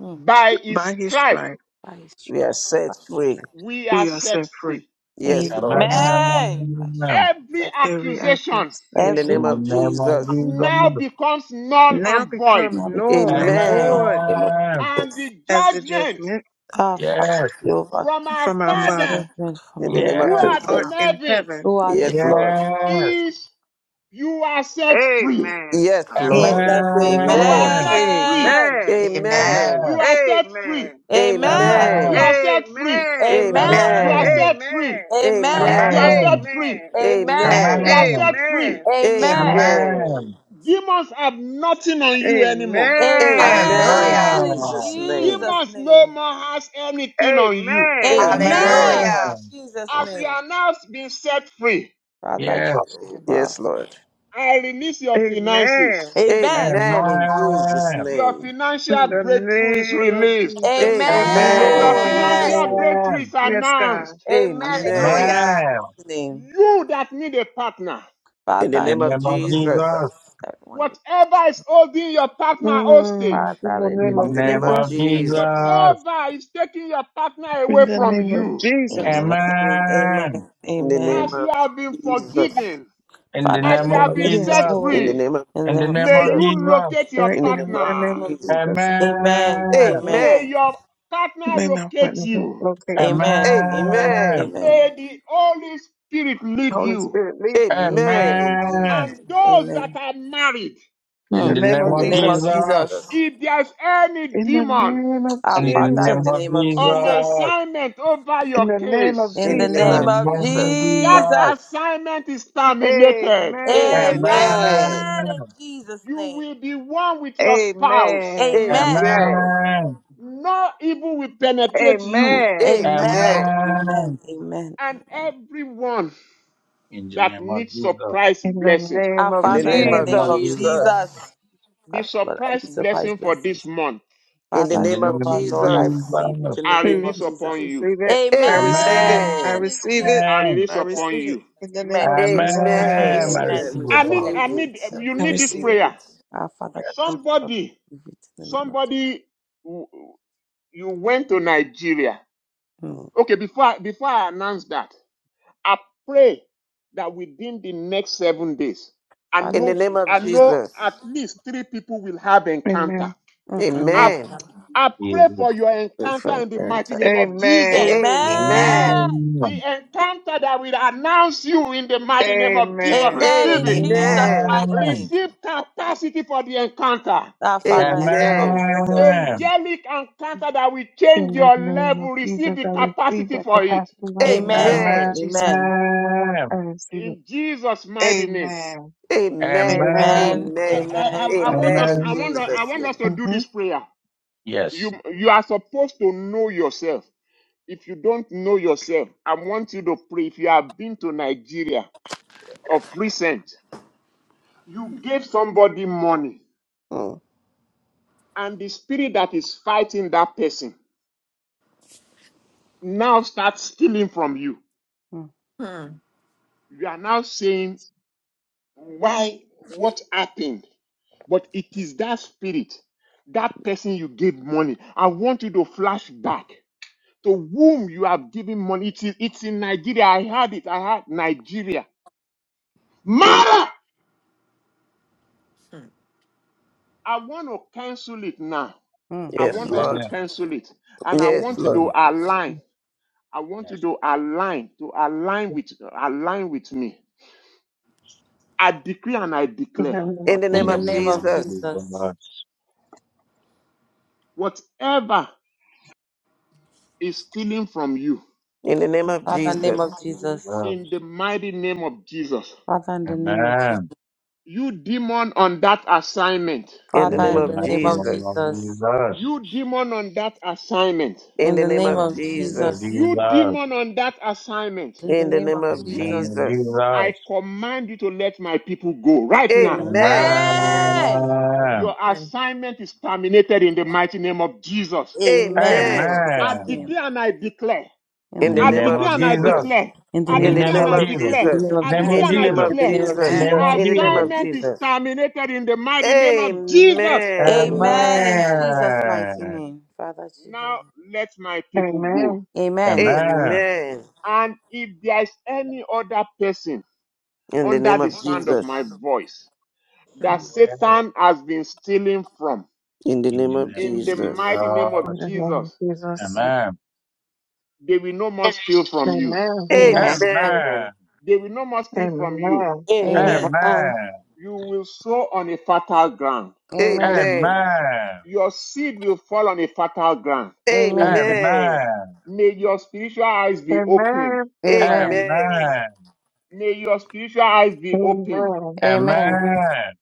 Speaker 2: Hmm.
Speaker 1: By his
Speaker 7: by his
Speaker 1: stripe,
Speaker 7: stripes.
Speaker 2: By his stripes,
Speaker 6: We are
Speaker 2: by
Speaker 6: set
Speaker 2: his
Speaker 6: free.
Speaker 2: stripes.
Speaker 1: we are
Speaker 7: We are
Speaker 1: set
Speaker 7: set free.
Speaker 1: free.
Speaker 6: Yes,
Speaker 10: Amen.
Speaker 6: Lord.
Speaker 2: Amen. By his stripes,
Speaker 5: Amen.
Speaker 2: he
Speaker 1: Every
Speaker 2: said,
Speaker 7: Every act of
Speaker 1: accusation
Speaker 6: In the
Speaker 2: every
Speaker 7: accusation
Speaker 6: name
Speaker 5: In the
Speaker 6: of
Speaker 5: name of
Speaker 6: Jesus.
Speaker 2: accusation
Speaker 1: now
Speaker 5: Jesus.
Speaker 1: becomes null
Speaker 7: now
Speaker 1: and void,
Speaker 7: becomes
Speaker 2: now becomes
Speaker 7: null
Speaker 2: not
Speaker 7: and
Speaker 6: Amen.
Speaker 7: void
Speaker 5: Amen.
Speaker 1: and the
Speaker 7: as the
Speaker 1: judgment
Speaker 7: judgment
Speaker 2: our Father
Speaker 5: Yes.
Speaker 2: Jehovah
Speaker 1: from our
Speaker 7: from our
Speaker 2: and the
Speaker 7: Father
Speaker 1: Father
Speaker 2: judgment from
Speaker 6: In the
Speaker 2: our
Speaker 6: name of
Speaker 1: who
Speaker 7: who
Speaker 2: Father.
Speaker 1: art
Speaker 5: Yes.
Speaker 7: art
Speaker 1: in
Speaker 6: Jesus.
Speaker 7: in
Speaker 1: heaven
Speaker 7: heaven.
Speaker 2: Who are the
Speaker 6: Yes, Lord.
Speaker 5: Yes.
Speaker 1: is you are set free.
Speaker 7: Amen.
Speaker 6: Yes,
Speaker 2: Yes,
Speaker 6: Lord.
Speaker 7: Hallelujah.
Speaker 2: that's
Speaker 1: You are
Speaker 6: Amen.
Speaker 5: Amen.
Speaker 1: set free.
Speaker 2: Amen.
Speaker 7: Amen.
Speaker 2: Amen.
Speaker 6: Amen.
Speaker 10: Amen.
Speaker 1: You
Speaker 5: Amen.
Speaker 1: are set free.
Speaker 7: Amen.
Speaker 10: Amen.
Speaker 2: Amen.
Speaker 1: You are
Speaker 6: Amen.
Speaker 5: Amen.
Speaker 1: set free.
Speaker 7: Amen.
Speaker 2: Amen.
Speaker 10: Amen.
Speaker 1: You are
Speaker 6: Amen.
Speaker 5: Amen.
Speaker 1: set free.
Speaker 7: Amen.
Speaker 2: Amen.
Speaker 1: You are
Speaker 6: Amen.
Speaker 5: Amen.
Speaker 1: set free.
Speaker 7: Amen.
Speaker 2: Amen.
Speaker 10: Amen.
Speaker 6: Amen.
Speaker 1: You are set free.
Speaker 7: Amen.
Speaker 6: Amen.
Speaker 2: Amen.
Speaker 10: Amen.
Speaker 5: Amen.
Speaker 1: Demons have nothing on you anymore.
Speaker 5: Amen.
Speaker 7: Amen.
Speaker 6: Amen in
Speaker 2: Amen.
Speaker 10: Hallelujah.
Speaker 2: In
Speaker 6: Jesus'
Speaker 5: Amen.
Speaker 6: name.
Speaker 2: Jesus'
Speaker 1: Demons no
Speaker 2: name.
Speaker 1: more has anything on you.
Speaker 7: Amen.
Speaker 6: Amen.
Speaker 2: Amen. In
Speaker 10: Hallelujah.
Speaker 5: Amen.
Speaker 2: Jesus'
Speaker 1: As you
Speaker 2: name.
Speaker 1: are now being set free,
Speaker 2: Father
Speaker 5: Yes.
Speaker 10: Amen.
Speaker 2: Jehovah.
Speaker 6: Yes, Lord.
Speaker 1: I release your finances.
Speaker 7: Amen.
Speaker 2: Amen.
Speaker 6: Amen in Jesus'
Speaker 5: Amen.
Speaker 1: Your
Speaker 6: name.
Speaker 1: financial
Speaker 7: In the
Speaker 1: breakthrough is
Speaker 7: name of
Speaker 1: released.
Speaker 7: Jesus. Thank you,
Speaker 6: Amen
Speaker 10: Amen.
Speaker 1: Your
Speaker 6: in
Speaker 7: Lord.
Speaker 6: Jesus'
Speaker 2: Amen.
Speaker 1: financial
Speaker 6: name.
Speaker 1: breakthrough
Speaker 5: Amen.
Speaker 1: is
Speaker 7: Yes, God.
Speaker 1: announced.
Speaker 2: Amen. In
Speaker 6: Amen.
Speaker 2: Jesus'
Speaker 10: Hallelujah.
Speaker 5: Amen.
Speaker 2: mighty name.
Speaker 1: You that need a partner,
Speaker 6: In the
Speaker 5: In the
Speaker 2: Father, in
Speaker 6: name
Speaker 2: the
Speaker 6: of
Speaker 5: name
Speaker 2: name
Speaker 5: of
Speaker 2: of
Speaker 6: Jesus.
Speaker 5: Jesus.
Speaker 2: Jesus. Everyone is
Speaker 1: whatever is holding your partner hostage,
Speaker 7: Mm, in
Speaker 2: Father
Speaker 7: the
Speaker 2: in the
Speaker 5: In
Speaker 7: name
Speaker 2: name
Speaker 5: the
Speaker 6: In
Speaker 7: of
Speaker 6: the
Speaker 2: of
Speaker 6: name
Speaker 5: name
Speaker 6: of
Speaker 5: of
Speaker 7: Jesus.
Speaker 2: Jesus.
Speaker 6: Jesus.
Speaker 5: Jesus.
Speaker 1: whatever is taking your partner
Speaker 7: In
Speaker 1: away
Speaker 7: the
Speaker 1: from
Speaker 7: name of
Speaker 1: you,
Speaker 7: Jesus.
Speaker 2: Amen. Amen.
Speaker 5: Amen.
Speaker 6: In the name
Speaker 1: as
Speaker 2: Amen.
Speaker 1: you
Speaker 6: of
Speaker 1: have been
Speaker 6: Jesus.
Speaker 1: forgiven,
Speaker 5: In the
Speaker 2: Father, in
Speaker 1: as
Speaker 2: the
Speaker 5: name
Speaker 1: you
Speaker 5: of
Speaker 2: name
Speaker 1: have
Speaker 2: of
Speaker 1: been
Speaker 2: Jesus.
Speaker 7: Yes,
Speaker 1: set
Speaker 5: Jesus.
Speaker 7: Lord.
Speaker 6: In the
Speaker 1: free,
Speaker 6: name of
Speaker 2: In
Speaker 5: In
Speaker 2: the name
Speaker 5: the
Speaker 2: of
Speaker 5: name
Speaker 1: may
Speaker 2: Jesus.
Speaker 5: of
Speaker 6: Jesus.
Speaker 1: you locate
Speaker 5: Jesus.
Speaker 1: your
Speaker 7: Right
Speaker 6: In the
Speaker 7: now,
Speaker 6: name
Speaker 7: in
Speaker 6: of
Speaker 7: the name
Speaker 1: partner.
Speaker 7: of
Speaker 6: Jesus.
Speaker 7: Jesus. uh,
Speaker 5: Amen.
Speaker 2: Amen. Amen.
Speaker 1: May
Speaker 6: Amen.
Speaker 1: your partner
Speaker 7: May my
Speaker 1: locate
Speaker 7: partner not
Speaker 1: you.
Speaker 7: locate me.
Speaker 2: Amen. Amen.
Speaker 5: Amen.
Speaker 6: Amen.
Speaker 2: Amen.
Speaker 1: May the Holy Spirit lead
Speaker 7: Holy
Speaker 1: you.
Speaker 7: Spirit, lead me.
Speaker 2: Amen.
Speaker 7: In
Speaker 6: Amen
Speaker 7: the
Speaker 6: in Jesus'
Speaker 2: Amen.
Speaker 5: Amen.
Speaker 1: And
Speaker 6: name.
Speaker 1: those that
Speaker 2: Amen.
Speaker 1: are married,
Speaker 5: In the
Speaker 6: In
Speaker 7: name
Speaker 2: Hmm.
Speaker 5: name
Speaker 6: the
Speaker 7: of
Speaker 2: In the
Speaker 5: of
Speaker 6: name
Speaker 2: name
Speaker 6: of
Speaker 2: of
Speaker 7: Jesus.
Speaker 5: Jesus.
Speaker 2: Jesus.
Speaker 6: Jesus.
Speaker 1: if there's any
Speaker 7: In the name of Jesus. In the
Speaker 1: demon
Speaker 7: name of
Speaker 2: Our
Speaker 5: In the
Speaker 2: Father,
Speaker 5: name
Speaker 2: in the
Speaker 5: of
Speaker 7: Jesus.
Speaker 2: name of
Speaker 1: on
Speaker 2: Jesus.
Speaker 5: Jesus.
Speaker 1: assignment over
Speaker 7: In
Speaker 1: your
Speaker 7: the name of
Speaker 1: case,
Speaker 2: In
Speaker 6: In the
Speaker 2: the
Speaker 6: name
Speaker 5: In
Speaker 2: name
Speaker 5: the
Speaker 6: of
Speaker 7: Jesus.
Speaker 5: name
Speaker 2: of
Speaker 5: of
Speaker 6: Jesus.
Speaker 1: That
Speaker 5: Jesus.
Speaker 2: Jesus.
Speaker 1: assignment is terminated.
Speaker 2: Amen.
Speaker 7: Amen.
Speaker 10: Amen.
Speaker 7: Amen.
Speaker 6: Amen.
Speaker 2: In
Speaker 5: Amen.
Speaker 2: Jesus'
Speaker 1: You
Speaker 2: name.
Speaker 1: will be one with your spouse.
Speaker 7: Amen.
Speaker 2: Amen.
Speaker 10: Amen.
Speaker 6: Amen.
Speaker 5: Amen.
Speaker 1: No evil will penetrate you.
Speaker 7: Amen.
Speaker 2: Amen.
Speaker 10: Amen.
Speaker 6: Amen.
Speaker 2: Amen.
Speaker 5: Amen.
Speaker 2: Amen.
Speaker 1: And
Speaker 2: Amen.
Speaker 1: everyone
Speaker 5: In the
Speaker 1: that
Speaker 5: name of
Speaker 1: needs
Speaker 5: Jesus.
Speaker 1: surprise
Speaker 7: In the
Speaker 1: blessing,
Speaker 7: name
Speaker 2: Our
Speaker 6: In
Speaker 7: of
Speaker 5: In
Speaker 6: the
Speaker 2: Father,
Speaker 5: the
Speaker 2: in
Speaker 6: name
Speaker 2: the
Speaker 6: of
Speaker 5: name
Speaker 2: name
Speaker 5: of
Speaker 2: of
Speaker 7: Jesus.
Speaker 5: Jesus.
Speaker 6: Jesus.
Speaker 2: Jesus.
Speaker 1: the
Speaker 2: Father, Lord, I
Speaker 1: surprise
Speaker 2: need surprise
Speaker 1: blessing for
Speaker 2: blessings.
Speaker 1: this month,
Speaker 6: In the
Speaker 10: Yes.
Speaker 5: In
Speaker 2: Father
Speaker 5: the
Speaker 6: name of
Speaker 5: name
Speaker 2: Jehovah,
Speaker 5: of
Speaker 2: Lord, I
Speaker 6: Jesus.
Speaker 2: receive it
Speaker 5: Jesus.
Speaker 2: in the
Speaker 1: I
Speaker 2: name
Speaker 7: Mm.
Speaker 2: of
Speaker 1: release
Speaker 7: I
Speaker 1: upon
Speaker 2: Jesus.
Speaker 1: you.
Speaker 7: receive it. I receive
Speaker 10: Amen.
Speaker 7: it.
Speaker 5: Amen.
Speaker 7: I
Speaker 6: Amen.
Speaker 2: Amen. In
Speaker 7: receive it.
Speaker 2: Jesus'
Speaker 1: I release
Speaker 7: I
Speaker 2: name.
Speaker 1: upon
Speaker 7: receive it.
Speaker 1: you.
Speaker 7: In the name
Speaker 2: Amen.
Speaker 7: of Jesus,
Speaker 2: Amen.
Speaker 7: I
Speaker 5: Amen.
Speaker 6: Amen.
Speaker 5: I
Speaker 7: receive
Speaker 6: I
Speaker 7: it.
Speaker 5: receive
Speaker 2: Amen.
Speaker 10: Agreements.
Speaker 1: I
Speaker 5: the
Speaker 1: need,
Speaker 5: Lord.
Speaker 2: Amen.
Speaker 6: receive
Speaker 1: I
Speaker 6: it.
Speaker 1: need,
Speaker 10: Agreements.
Speaker 6: I
Speaker 1: you
Speaker 7: I
Speaker 1: need this
Speaker 2: Amen.
Speaker 7: receive
Speaker 6: receive
Speaker 7: it.
Speaker 1: prayer.
Speaker 6: it.
Speaker 2: Our Father
Speaker 5: Yes,
Speaker 2: Jehovah, Lord,
Speaker 1: Somebody,
Speaker 2: I receive it in the name of Jesus.
Speaker 1: somebody, you went to Nigeria.
Speaker 2: Mm.
Speaker 1: Okay, before before I announce that, I pray that within the next seven days, I
Speaker 6: In
Speaker 2: Father.
Speaker 6: the
Speaker 1: know
Speaker 5: yes.
Speaker 6: name of
Speaker 1: I know
Speaker 6: Jesus.
Speaker 1: at least three people will have encounter.
Speaker 7: Amen.
Speaker 2: mm,
Speaker 1: I,
Speaker 2: Amen.
Speaker 6: Amen.
Speaker 1: I pray for
Speaker 5: Jesus.
Speaker 1: your encounter
Speaker 6: Amen.
Speaker 1: in the mighty
Speaker 6: Amen.
Speaker 1: name of Jesus.
Speaker 7: Amen.
Speaker 10: Amen.
Speaker 2: Amen.
Speaker 1: The
Speaker 5: Amen.
Speaker 1: encounter that will announce you in the mighty name of Jesus,
Speaker 7: Amen.
Speaker 2: Amen.
Speaker 1: receive
Speaker 2: In
Speaker 1: it.
Speaker 2: Jesus'
Speaker 10: Amen.
Speaker 6: Amen.
Speaker 2: mighty name.
Speaker 5: Amen.
Speaker 1: Receive capacity for the encounter.
Speaker 2: Our Father, in the
Speaker 10: Amen.
Speaker 2: name of
Speaker 6: Amen.
Speaker 2: Jesus.
Speaker 5: Amen.
Speaker 1: Angelic encounter that will change
Speaker 7: In the
Speaker 1: your
Speaker 7: name of
Speaker 1: level. Receive
Speaker 7: Jesus,
Speaker 1: the
Speaker 7: I receive
Speaker 1: capacity
Speaker 7: that
Speaker 1: for it.
Speaker 7: capacity right now. In the
Speaker 2: Amen.
Speaker 7: name
Speaker 10: Amen.
Speaker 7: of
Speaker 5: Amen.
Speaker 6: Amen.
Speaker 7: Jesus,
Speaker 2: Amen.
Speaker 7: I receive it.
Speaker 1: In Jesus' mighty name.
Speaker 7: Amen.
Speaker 6: Amen.
Speaker 10: Hmm.
Speaker 5: Amen.
Speaker 2: Amen.
Speaker 7: Amen.
Speaker 1: I, I,
Speaker 2: Amen.
Speaker 1: I I want
Speaker 6: Amen
Speaker 1: us
Speaker 6: in
Speaker 1: I
Speaker 5: Amen.
Speaker 2: Amen.
Speaker 1: want us- I
Speaker 6: Jesus'
Speaker 1: want
Speaker 6: name.
Speaker 1: us to do
Speaker 7: hmm
Speaker 1: this
Speaker 7: In
Speaker 1: prayer. You
Speaker 5: Yes.
Speaker 1: you are supposed to know yourself. If you don't know yourself, I want you to pray. If you have been to Nigeria of recent, you gave somebody money,
Speaker 6: Mm.
Speaker 1: and the spirit that is fighting that person now starts stealing from you.
Speaker 2: Mm,
Speaker 10: Hmm.
Speaker 1: You are now saying, Why what happened? But it is that spirit, that person you gave money. I want you to flash back. to whom you have given money. It is, it's in Nigeria. I had it. I had Nigeria. Mara! I want to cancel it now. I
Speaker 6: Yes,
Speaker 1: want
Speaker 2: mm.
Speaker 1: us to
Speaker 6: Lord.
Speaker 5: Amen.
Speaker 1: cancel it. And I
Speaker 6: Yes,
Speaker 1: want you
Speaker 6: Lord.
Speaker 1: to
Speaker 5: Amen.
Speaker 1: align. I want you
Speaker 5: Yes.
Speaker 1: to align, to align with, align with me. I decree and I
Speaker 7: the
Speaker 1: declare
Speaker 7: name
Speaker 6: In
Speaker 7: of
Speaker 6: the
Speaker 2: In
Speaker 5: In
Speaker 6: name
Speaker 5: the
Speaker 2: the
Speaker 6: of
Speaker 7: Jesus.
Speaker 2: name
Speaker 5: name
Speaker 2: of
Speaker 5: of
Speaker 6: Jesus.
Speaker 2: Jesus.
Speaker 5: Jesus.
Speaker 1: whatever is stealing from you
Speaker 6: In the name
Speaker 5: In the
Speaker 6: of
Speaker 2: Father,
Speaker 5: name
Speaker 2: in the name
Speaker 6: Jesus.
Speaker 2: of Jesus.
Speaker 5: of Jesus.
Speaker 1: in the mighty name of Jesus.
Speaker 2: Father, in the name of Jesus.
Speaker 5: Amen.
Speaker 1: You demon on that assignment.
Speaker 6: In the
Speaker 2: Father,
Speaker 5: In
Speaker 6: name
Speaker 5: the
Speaker 2: in the
Speaker 6: of
Speaker 5: mighty
Speaker 2: name of
Speaker 5: name
Speaker 6: Jesus.
Speaker 2: Jesus.
Speaker 5: of Jesus.
Speaker 1: You demon on that assignment.
Speaker 6: In
Speaker 2: In
Speaker 6: the
Speaker 2: the
Speaker 6: name
Speaker 2: name
Speaker 6: of
Speaker 2: of
Speaker 5: In the name of
Speaker 6: Jesus.
Speaker 2: Jesus.
Speaker 1: You
Speaker 5: Jesus.
Speaker 1: demon on that assignment.
Speaker 2: In the
Speaker 6: In the
Speaker 2: name
Speaker 6: name
Speaker 2: of
Speaker 5: In
Speaker 6: of
Speaker 5: the name of
Speaker 2: Jesus.
Speaker 6: Jesus.
Speaker 1: I
Speaker 5: Jesus.
Speaker 1: command you to let my people go right now.
Speaker 6: Amen.
Speaker 10: Amen.
Speaker 2: Amen.
Speaker 1: Your
Speaker 5: Amen.
Speaker 10: Amen.
Speaker 1: assignment is terminated in the mighty name of Jesus.
Speaker 2: Amen. In
Speaker 6: Amen.
Speaker 10: Amen.
Speaker 1: I
Speaker 2: Jesus'
Speaker 5: Amen.
Speaker 2: name.
Speaker 1: declare and I declare.
Speaker 2: In
Speaker 5: In
Speaker 6: In
Speaker 2: the
Speaker 5: the
Speaker 6: the
Speaker 1: I
Speaker 2: name
Speaker 6: name
Speaker 5: name
Speaker 2: of
Speaker 6: of
Speaker 1: declare
Speaker 5: of
Speaker 1: and I
Speaker 6: Jesus.
Speaker 5: Jesus.
Speaker 1: declare.
Speaker 2: in the
Speaker 1: I
Speaker 5: In the
Speaker 2: name
Speaker 6: In the
Speaker 2: of
Speaker 1: declare
Speaker 5: name
Speaker 1: and
Speaker 2: Jesus.
Speaker 6: name
Speaker 5: of
Speaker 1: I
Speaker 6: of
Speaker 5: Jesus.
Speaker 2: In
Speaker 1: declare.
Speaker 2: the
Speaker 6: Jesus.
Speaker 2: name of
Speaker 1: I
Speaker 5: Name
Speaker 10: Amen.
Speaker 6: In
Speaker 5: of
Speaker 1: declare
Speaker 2: Jesus.
Speaker 6: the
Speaker 1: and I
Speaker 6: name
Speaker 5: Jesus.
Speaker 2: In
Speaker 6: of
Speaker 2: the
Speaker 1: declare.
Speaker 2: name of
Speaker 6: Jesus.
Speaker 1: The
Speaker 5: Name
Speaker 10: Amen.
Speaker 2: Jesus.
Speaker 5: of
Speaker 6: In the name
Speaker 5: Jesus.
Speaker 6: of
Speaker 1: assignment is
Speaker 6: Jesus.
Speaker 1: terminated in the mighty name of Jesus.
Speaker 6: Amen.
Speaker 2: Amen. In
Speaker 10: Amen.
Speaker 2: Jesus' mighty
Speaker 5: Amen.
Speaker 2: name. Father
Speaker 1: Now
Speaker 2: Jehovah.
Speaker 1: let my people go.
Speaker 7: Amen.
Speaker 2: Amen.
Speaker 10: Amen.
Speaker 5: Amen.
Speaker 6: Amen.
Speaker 1: And if there is any other person
Speaker 6: In the
Speaker 1: under
Speaker 6: name
Speaker 1: the
Speaker 6: of
Speaker 1: sound of
Speaker 6: Jesus.
Speaker 1: my voice
Speaker 10: Hmm.
Speaker 1: that
Speaker 2: Mm.
Speaker 5: Yes.
Speaker 1: Satan has been stealing from,
Speaker 6: In the
Speaker 5: In
Speaker 6: name
Speaker 5: the
Speaker 6: of
Speaker 5: name
Speaker 1: in
Speaker 5: of
Speaker 1: the
Speaker 6: Jesus.
Speaker 1: mighty name
Speaker 7: In
Speaker 1: of
Speaker 5: Jesus.
Speaker 7: the name of
Speaker 1: Jesus.
Speaker 7: Jesus.
Speaker 2: Amen.
Speaker 5: Amen.
Speaker 1: They will no more steal from you.
Speaker 7: Amen.
Speaker 10: Amen.
Speaker 2: Amen.
Speaker 10: Amen.
Speaker 6: Amen.
Speaker 5: Amen.
Speaker 1: They will no more steal from you.
Speaker 7: Amen.
Speaker 6: Amen.
Speaker 5: Amen.
Speaker 10: Amen.
Speaker 1: You will sow on a fertile ground.
Speaker 2: Amen.
Speaker 6: Amen.
Speaker 5: Amen.
Speaker 1: Your seed will fall on a fertile ground.
Speaker 2: Amen.
Speaker 6: Amen.
Speaker 5: Amen.
Speaker 1: May your spiritual eyes be opened.
Speaker 7: Amen.
Speaker 2: Amen.
Speaker 6: Amen.
Speaker 5: Amen.
Speaker 1: May your spiritual eyes be opened.
Speaker 7: Amen.
Speaker 2: Amen.
Speaker 5: Amen.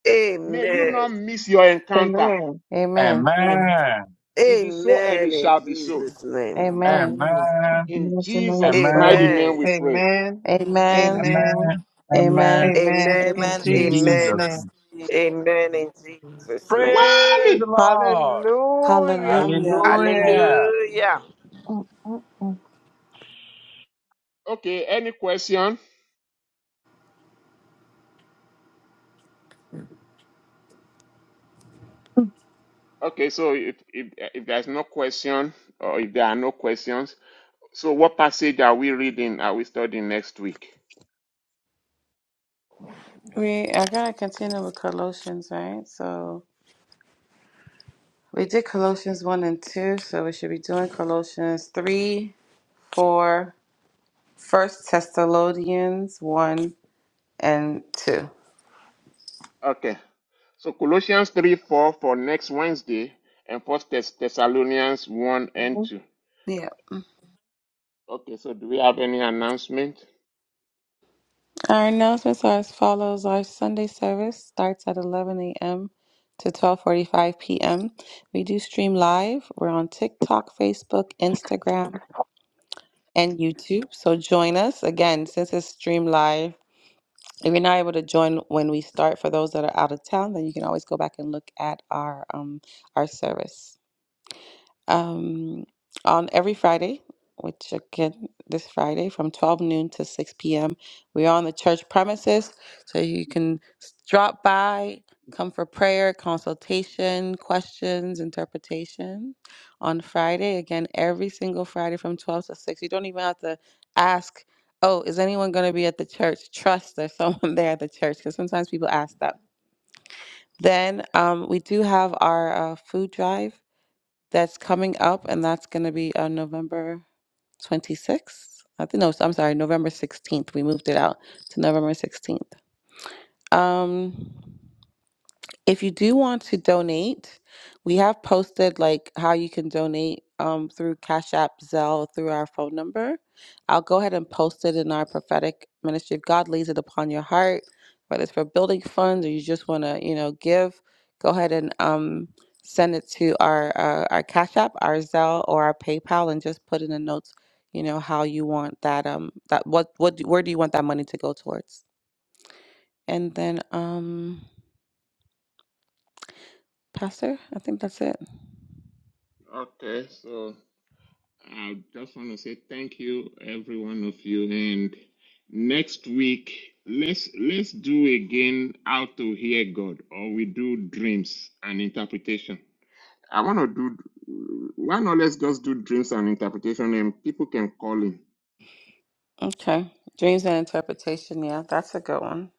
Speaker 1: May you
Speaker 6: Amen.
Speaker 1: not miss your encounter.
Speaker 7: Amen.
Speaker 2: Amen.
Speaker 10: Amen.
Speaker 5: Amen.
Speaker 1: It is so and
Speaker 6: Amen
Speaker 1: it
Speaker 6: in
Speaker 1: shall be so.
Speaker 6: Jesus' name.
Speaker 2: Amen.
Speaker 10: Amen.
Speaker 5: Amen.
Speaker 7: In
Speaker 1: In
Speaker 7: Jesus' name we
Speaker 1: Jesus'
Speaker 7: pray.
Speaker 1: mighty
Speaker 5: Amen.
Speaker 1: name
Speaker 6: Amen.
Speaker 1: we pray.
Speaker 7: Amen.
Speaker 2: Amen.
Speaker 7: Amen.
Speaker 5: Amen.
Speaker 10: Amen.
Speaker 2: Amen.
Speaker 5: Amen.
Speaker 7: Amen.
Speaker 6: Amen.
Speaker 7: In
Speaker 2: Amen. In
Speaker 5: In
Speaker 7: Jesus'
Speaker 6: Amen.
Speaker 5: Jesus'
Speaker 7: name.
Speaker 2: Jesus'
Speaker 5: name.
Speaker 2: name.
Speaker 6: Amen in
Speaker 10: Amen.
Speaker 6: Jesus' name.
Speaker 5: Praise the
Speaker 1: Wally!
Speaker 5: Lord.
Speaker 7: Hallelujah.
Speaker 2: Hallelujah.
Speaker 1: Hallelujah.
Speaker 2: Hallelujah.
Speaker 5: Hallelujah.
Speaker 6: Hallelujah.
Speaker 7: Mm, mm, mm,
Speaker 1: Okay, any question? Okay, so if if if there's no question or if there are no questions, so what passage are we reading? Are we studying next week?
Speaker 2: We are going to continue with Colossians, right? So we did Colossians 1 and 2, so we should be doing Colossians 3, 4, First Thessalonians 1 and 2.
Speaker 1: Okay. So Colossians 3 4 for next Wednesday and First Thess- Thessalonians 1 and
Speaker 7: mhm.
Speaker 1: 2. Okay, so do we have any announcement?
Speaker 2: Our announcements are as follows. Our Sunday service starts at 11 a.m. to 12:45 p.m. We do stream live. We're on TikTok, Facebook, Instagram, and YouTube. So join us again since it's stream live. If you're not able to join when we start, for those that are out of town, then you can always go back and look at our um, our service um, on every Friday, which again, this Friday from 12 noon to 6 p.m. We're on the church premises, so you can s- drop by, come for prayer, consultation, questions, interpretation on Friday. Again, every single Friday from 12 to 6. You don't even have to ask, oh, is anyone going to be at the church? Trust there's someone there at the church, because sometimes people ask that. Then um, we do have our uh, food drive that's coming up, and that's going to be on November 26th. I think no, I'm sorry, November 16th. We moved it out to November 16th. Um, if you do want to donate, we have posted like how you can donate um, through Cash App, Zelle, through our phone number. I'll go ahead and post it in our prophetic ministry. If God lays it upon your heart, whether it's for building funds or you just want to, you know, give, go ahead and um, send it to our uh, our Cash App, our Zelle, or our PayPal, and just put in the notes, you know, how you want that um that what what where do you want that money to go towards, and then um. Pastor, I think that's it.
Speaker 1: Okay, so I just want to say thank you, every one of you. And next week, let's let's do again how to hear God, or we do dreams and interpretation. I want to do. Why not? Let's just do dreams and interpretation, and people can call in
Speaker 2: Okay. Dreams and interpretation. Yeah, that's a good one.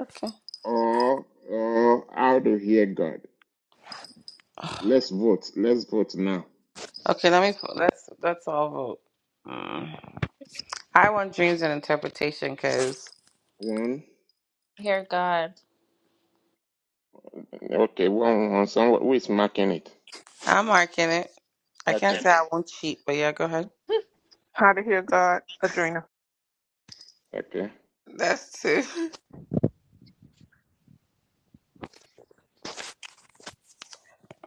Speaker 2: Okay.
Speaker 1: or or how to hear God. Let's vote. Let's vote now.
Speaker 2: Okay, let me pull- let's let's all vote. Mm. I want dreams and interpretation because
Speaker 1: One.
Speaker 8: Hear God.
Speaker 1: Okay, one. one. Someone who is marking it?
Speaker 2: I'm marking it. I can't
Speaker 1: Okay.
Speaker 2: say I won't cheat, but yeah, go ahead.
Speaker 7: How to hear God, Adrena.
Speaker 1: Okay.
Speaker 2: That's two.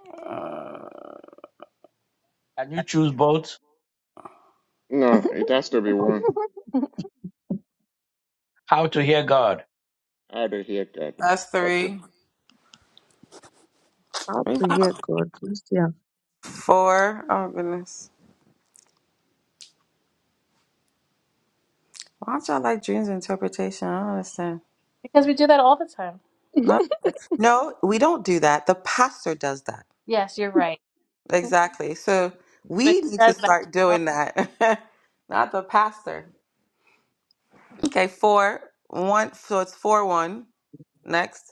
Speaker 2: Uh,
Speaker 5: And you choose both
Speaker 1: No, it has to be one.
Speaker 5: how to hear God.
Speaker 1: How to hear God.
Speaker 2: that's
Speaker 1: Okay.
Speaker 2: three.
Speaker 11: How to hear God. Just yeah.
Speaker 2: four. Oh goodness. Why don't y'all like dreams interpretation? I don't understand.
Speaker 8: Because we do that all the time.
Speaker 2: No, no, we don't do that. The pastor does that.
Speaker 8: Yes, you're right.
Speaker 2: Exactly. So
Speaker 8: But
Speaker 2: we need
Speaker 8: he
Speaker 2: to
Speaker 8: does that
Speaker 2: start
Speaker 8: all.
Speaker 2: doing that. Not the pastor. Okay, four. One so it's four one. Next.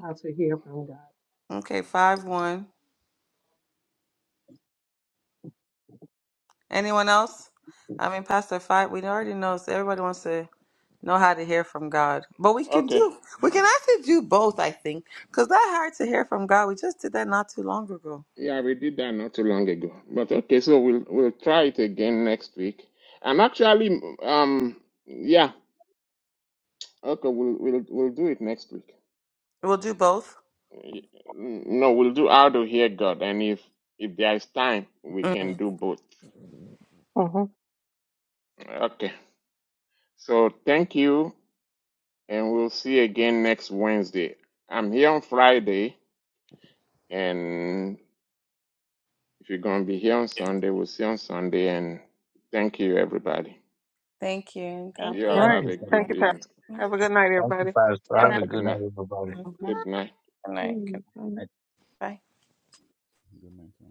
Speaker 12: how to hear from God.
Speaker 2: Okay, five one. Anyone else? I mean Pastor Five. We already know so everybody wants to know how to hear from God. But we can
Speaker 1: Okay.
Speaker 2: do, we can actually do both, I think, because that hard to hear from God, we just did that not too long ago.
Speaker 1: Yeah, we did that not too long ago. But okay, so we'll we'll try it again next week. And actually, um, yeah. Okay, we'll we'll we'll do it next week.
Speaker 2: We'll do both.
Speaker 1: No, we'll do how to hear God, and if if there is time, we can
Speaker 2: Mm.
Speaker 1: do both.
Speaker 7: Mhm.
Speaker 1: Okay. So thank you, and we'll see you again next Wednesday. I'm here on Friday, and if you're gonna be here on Sunday, we'll see you on Sunday. And thank you, everybody.
Speaker 2: Thank you. God
Speaker 8: Thank
Speaker 1: You
Speaker 7: All
Speaker 2: bless.
Speaker 1: all
Speaker 8: you.
Speaker 5: Thank
Speaker 7: right.
Speaker 1: have
Speaker 5: you,
Speaker 1: a
Speaker 5: sir.
Speaker 7: Thank
Speaker 1: good
Speaker 7: you,
Speaker 2: Thank
Speaker 1: evening.
Speaker 7: Pastor.
Speaker 2: you.
Speaker 7: Have a good night,
Speaker 5: Thank you,
Speaker 7: everybody.
Speaker 2: Good
Speaker 5: Pastor.
Speaker 2: night.
Speaker 8: Good
Speaker 5: Have a
Speaker 8: night.
Speaker 1: Good
Speaker 2: Good
Speaker 5: good night,
Speaker 1: night.
Speaker 5: everybody.
Speaker 2: night.
Speaker 7: Mhm.
Speaker 1: Good night.
Speaker 2: Good night. Bye.
Speaker 9: Good mentor.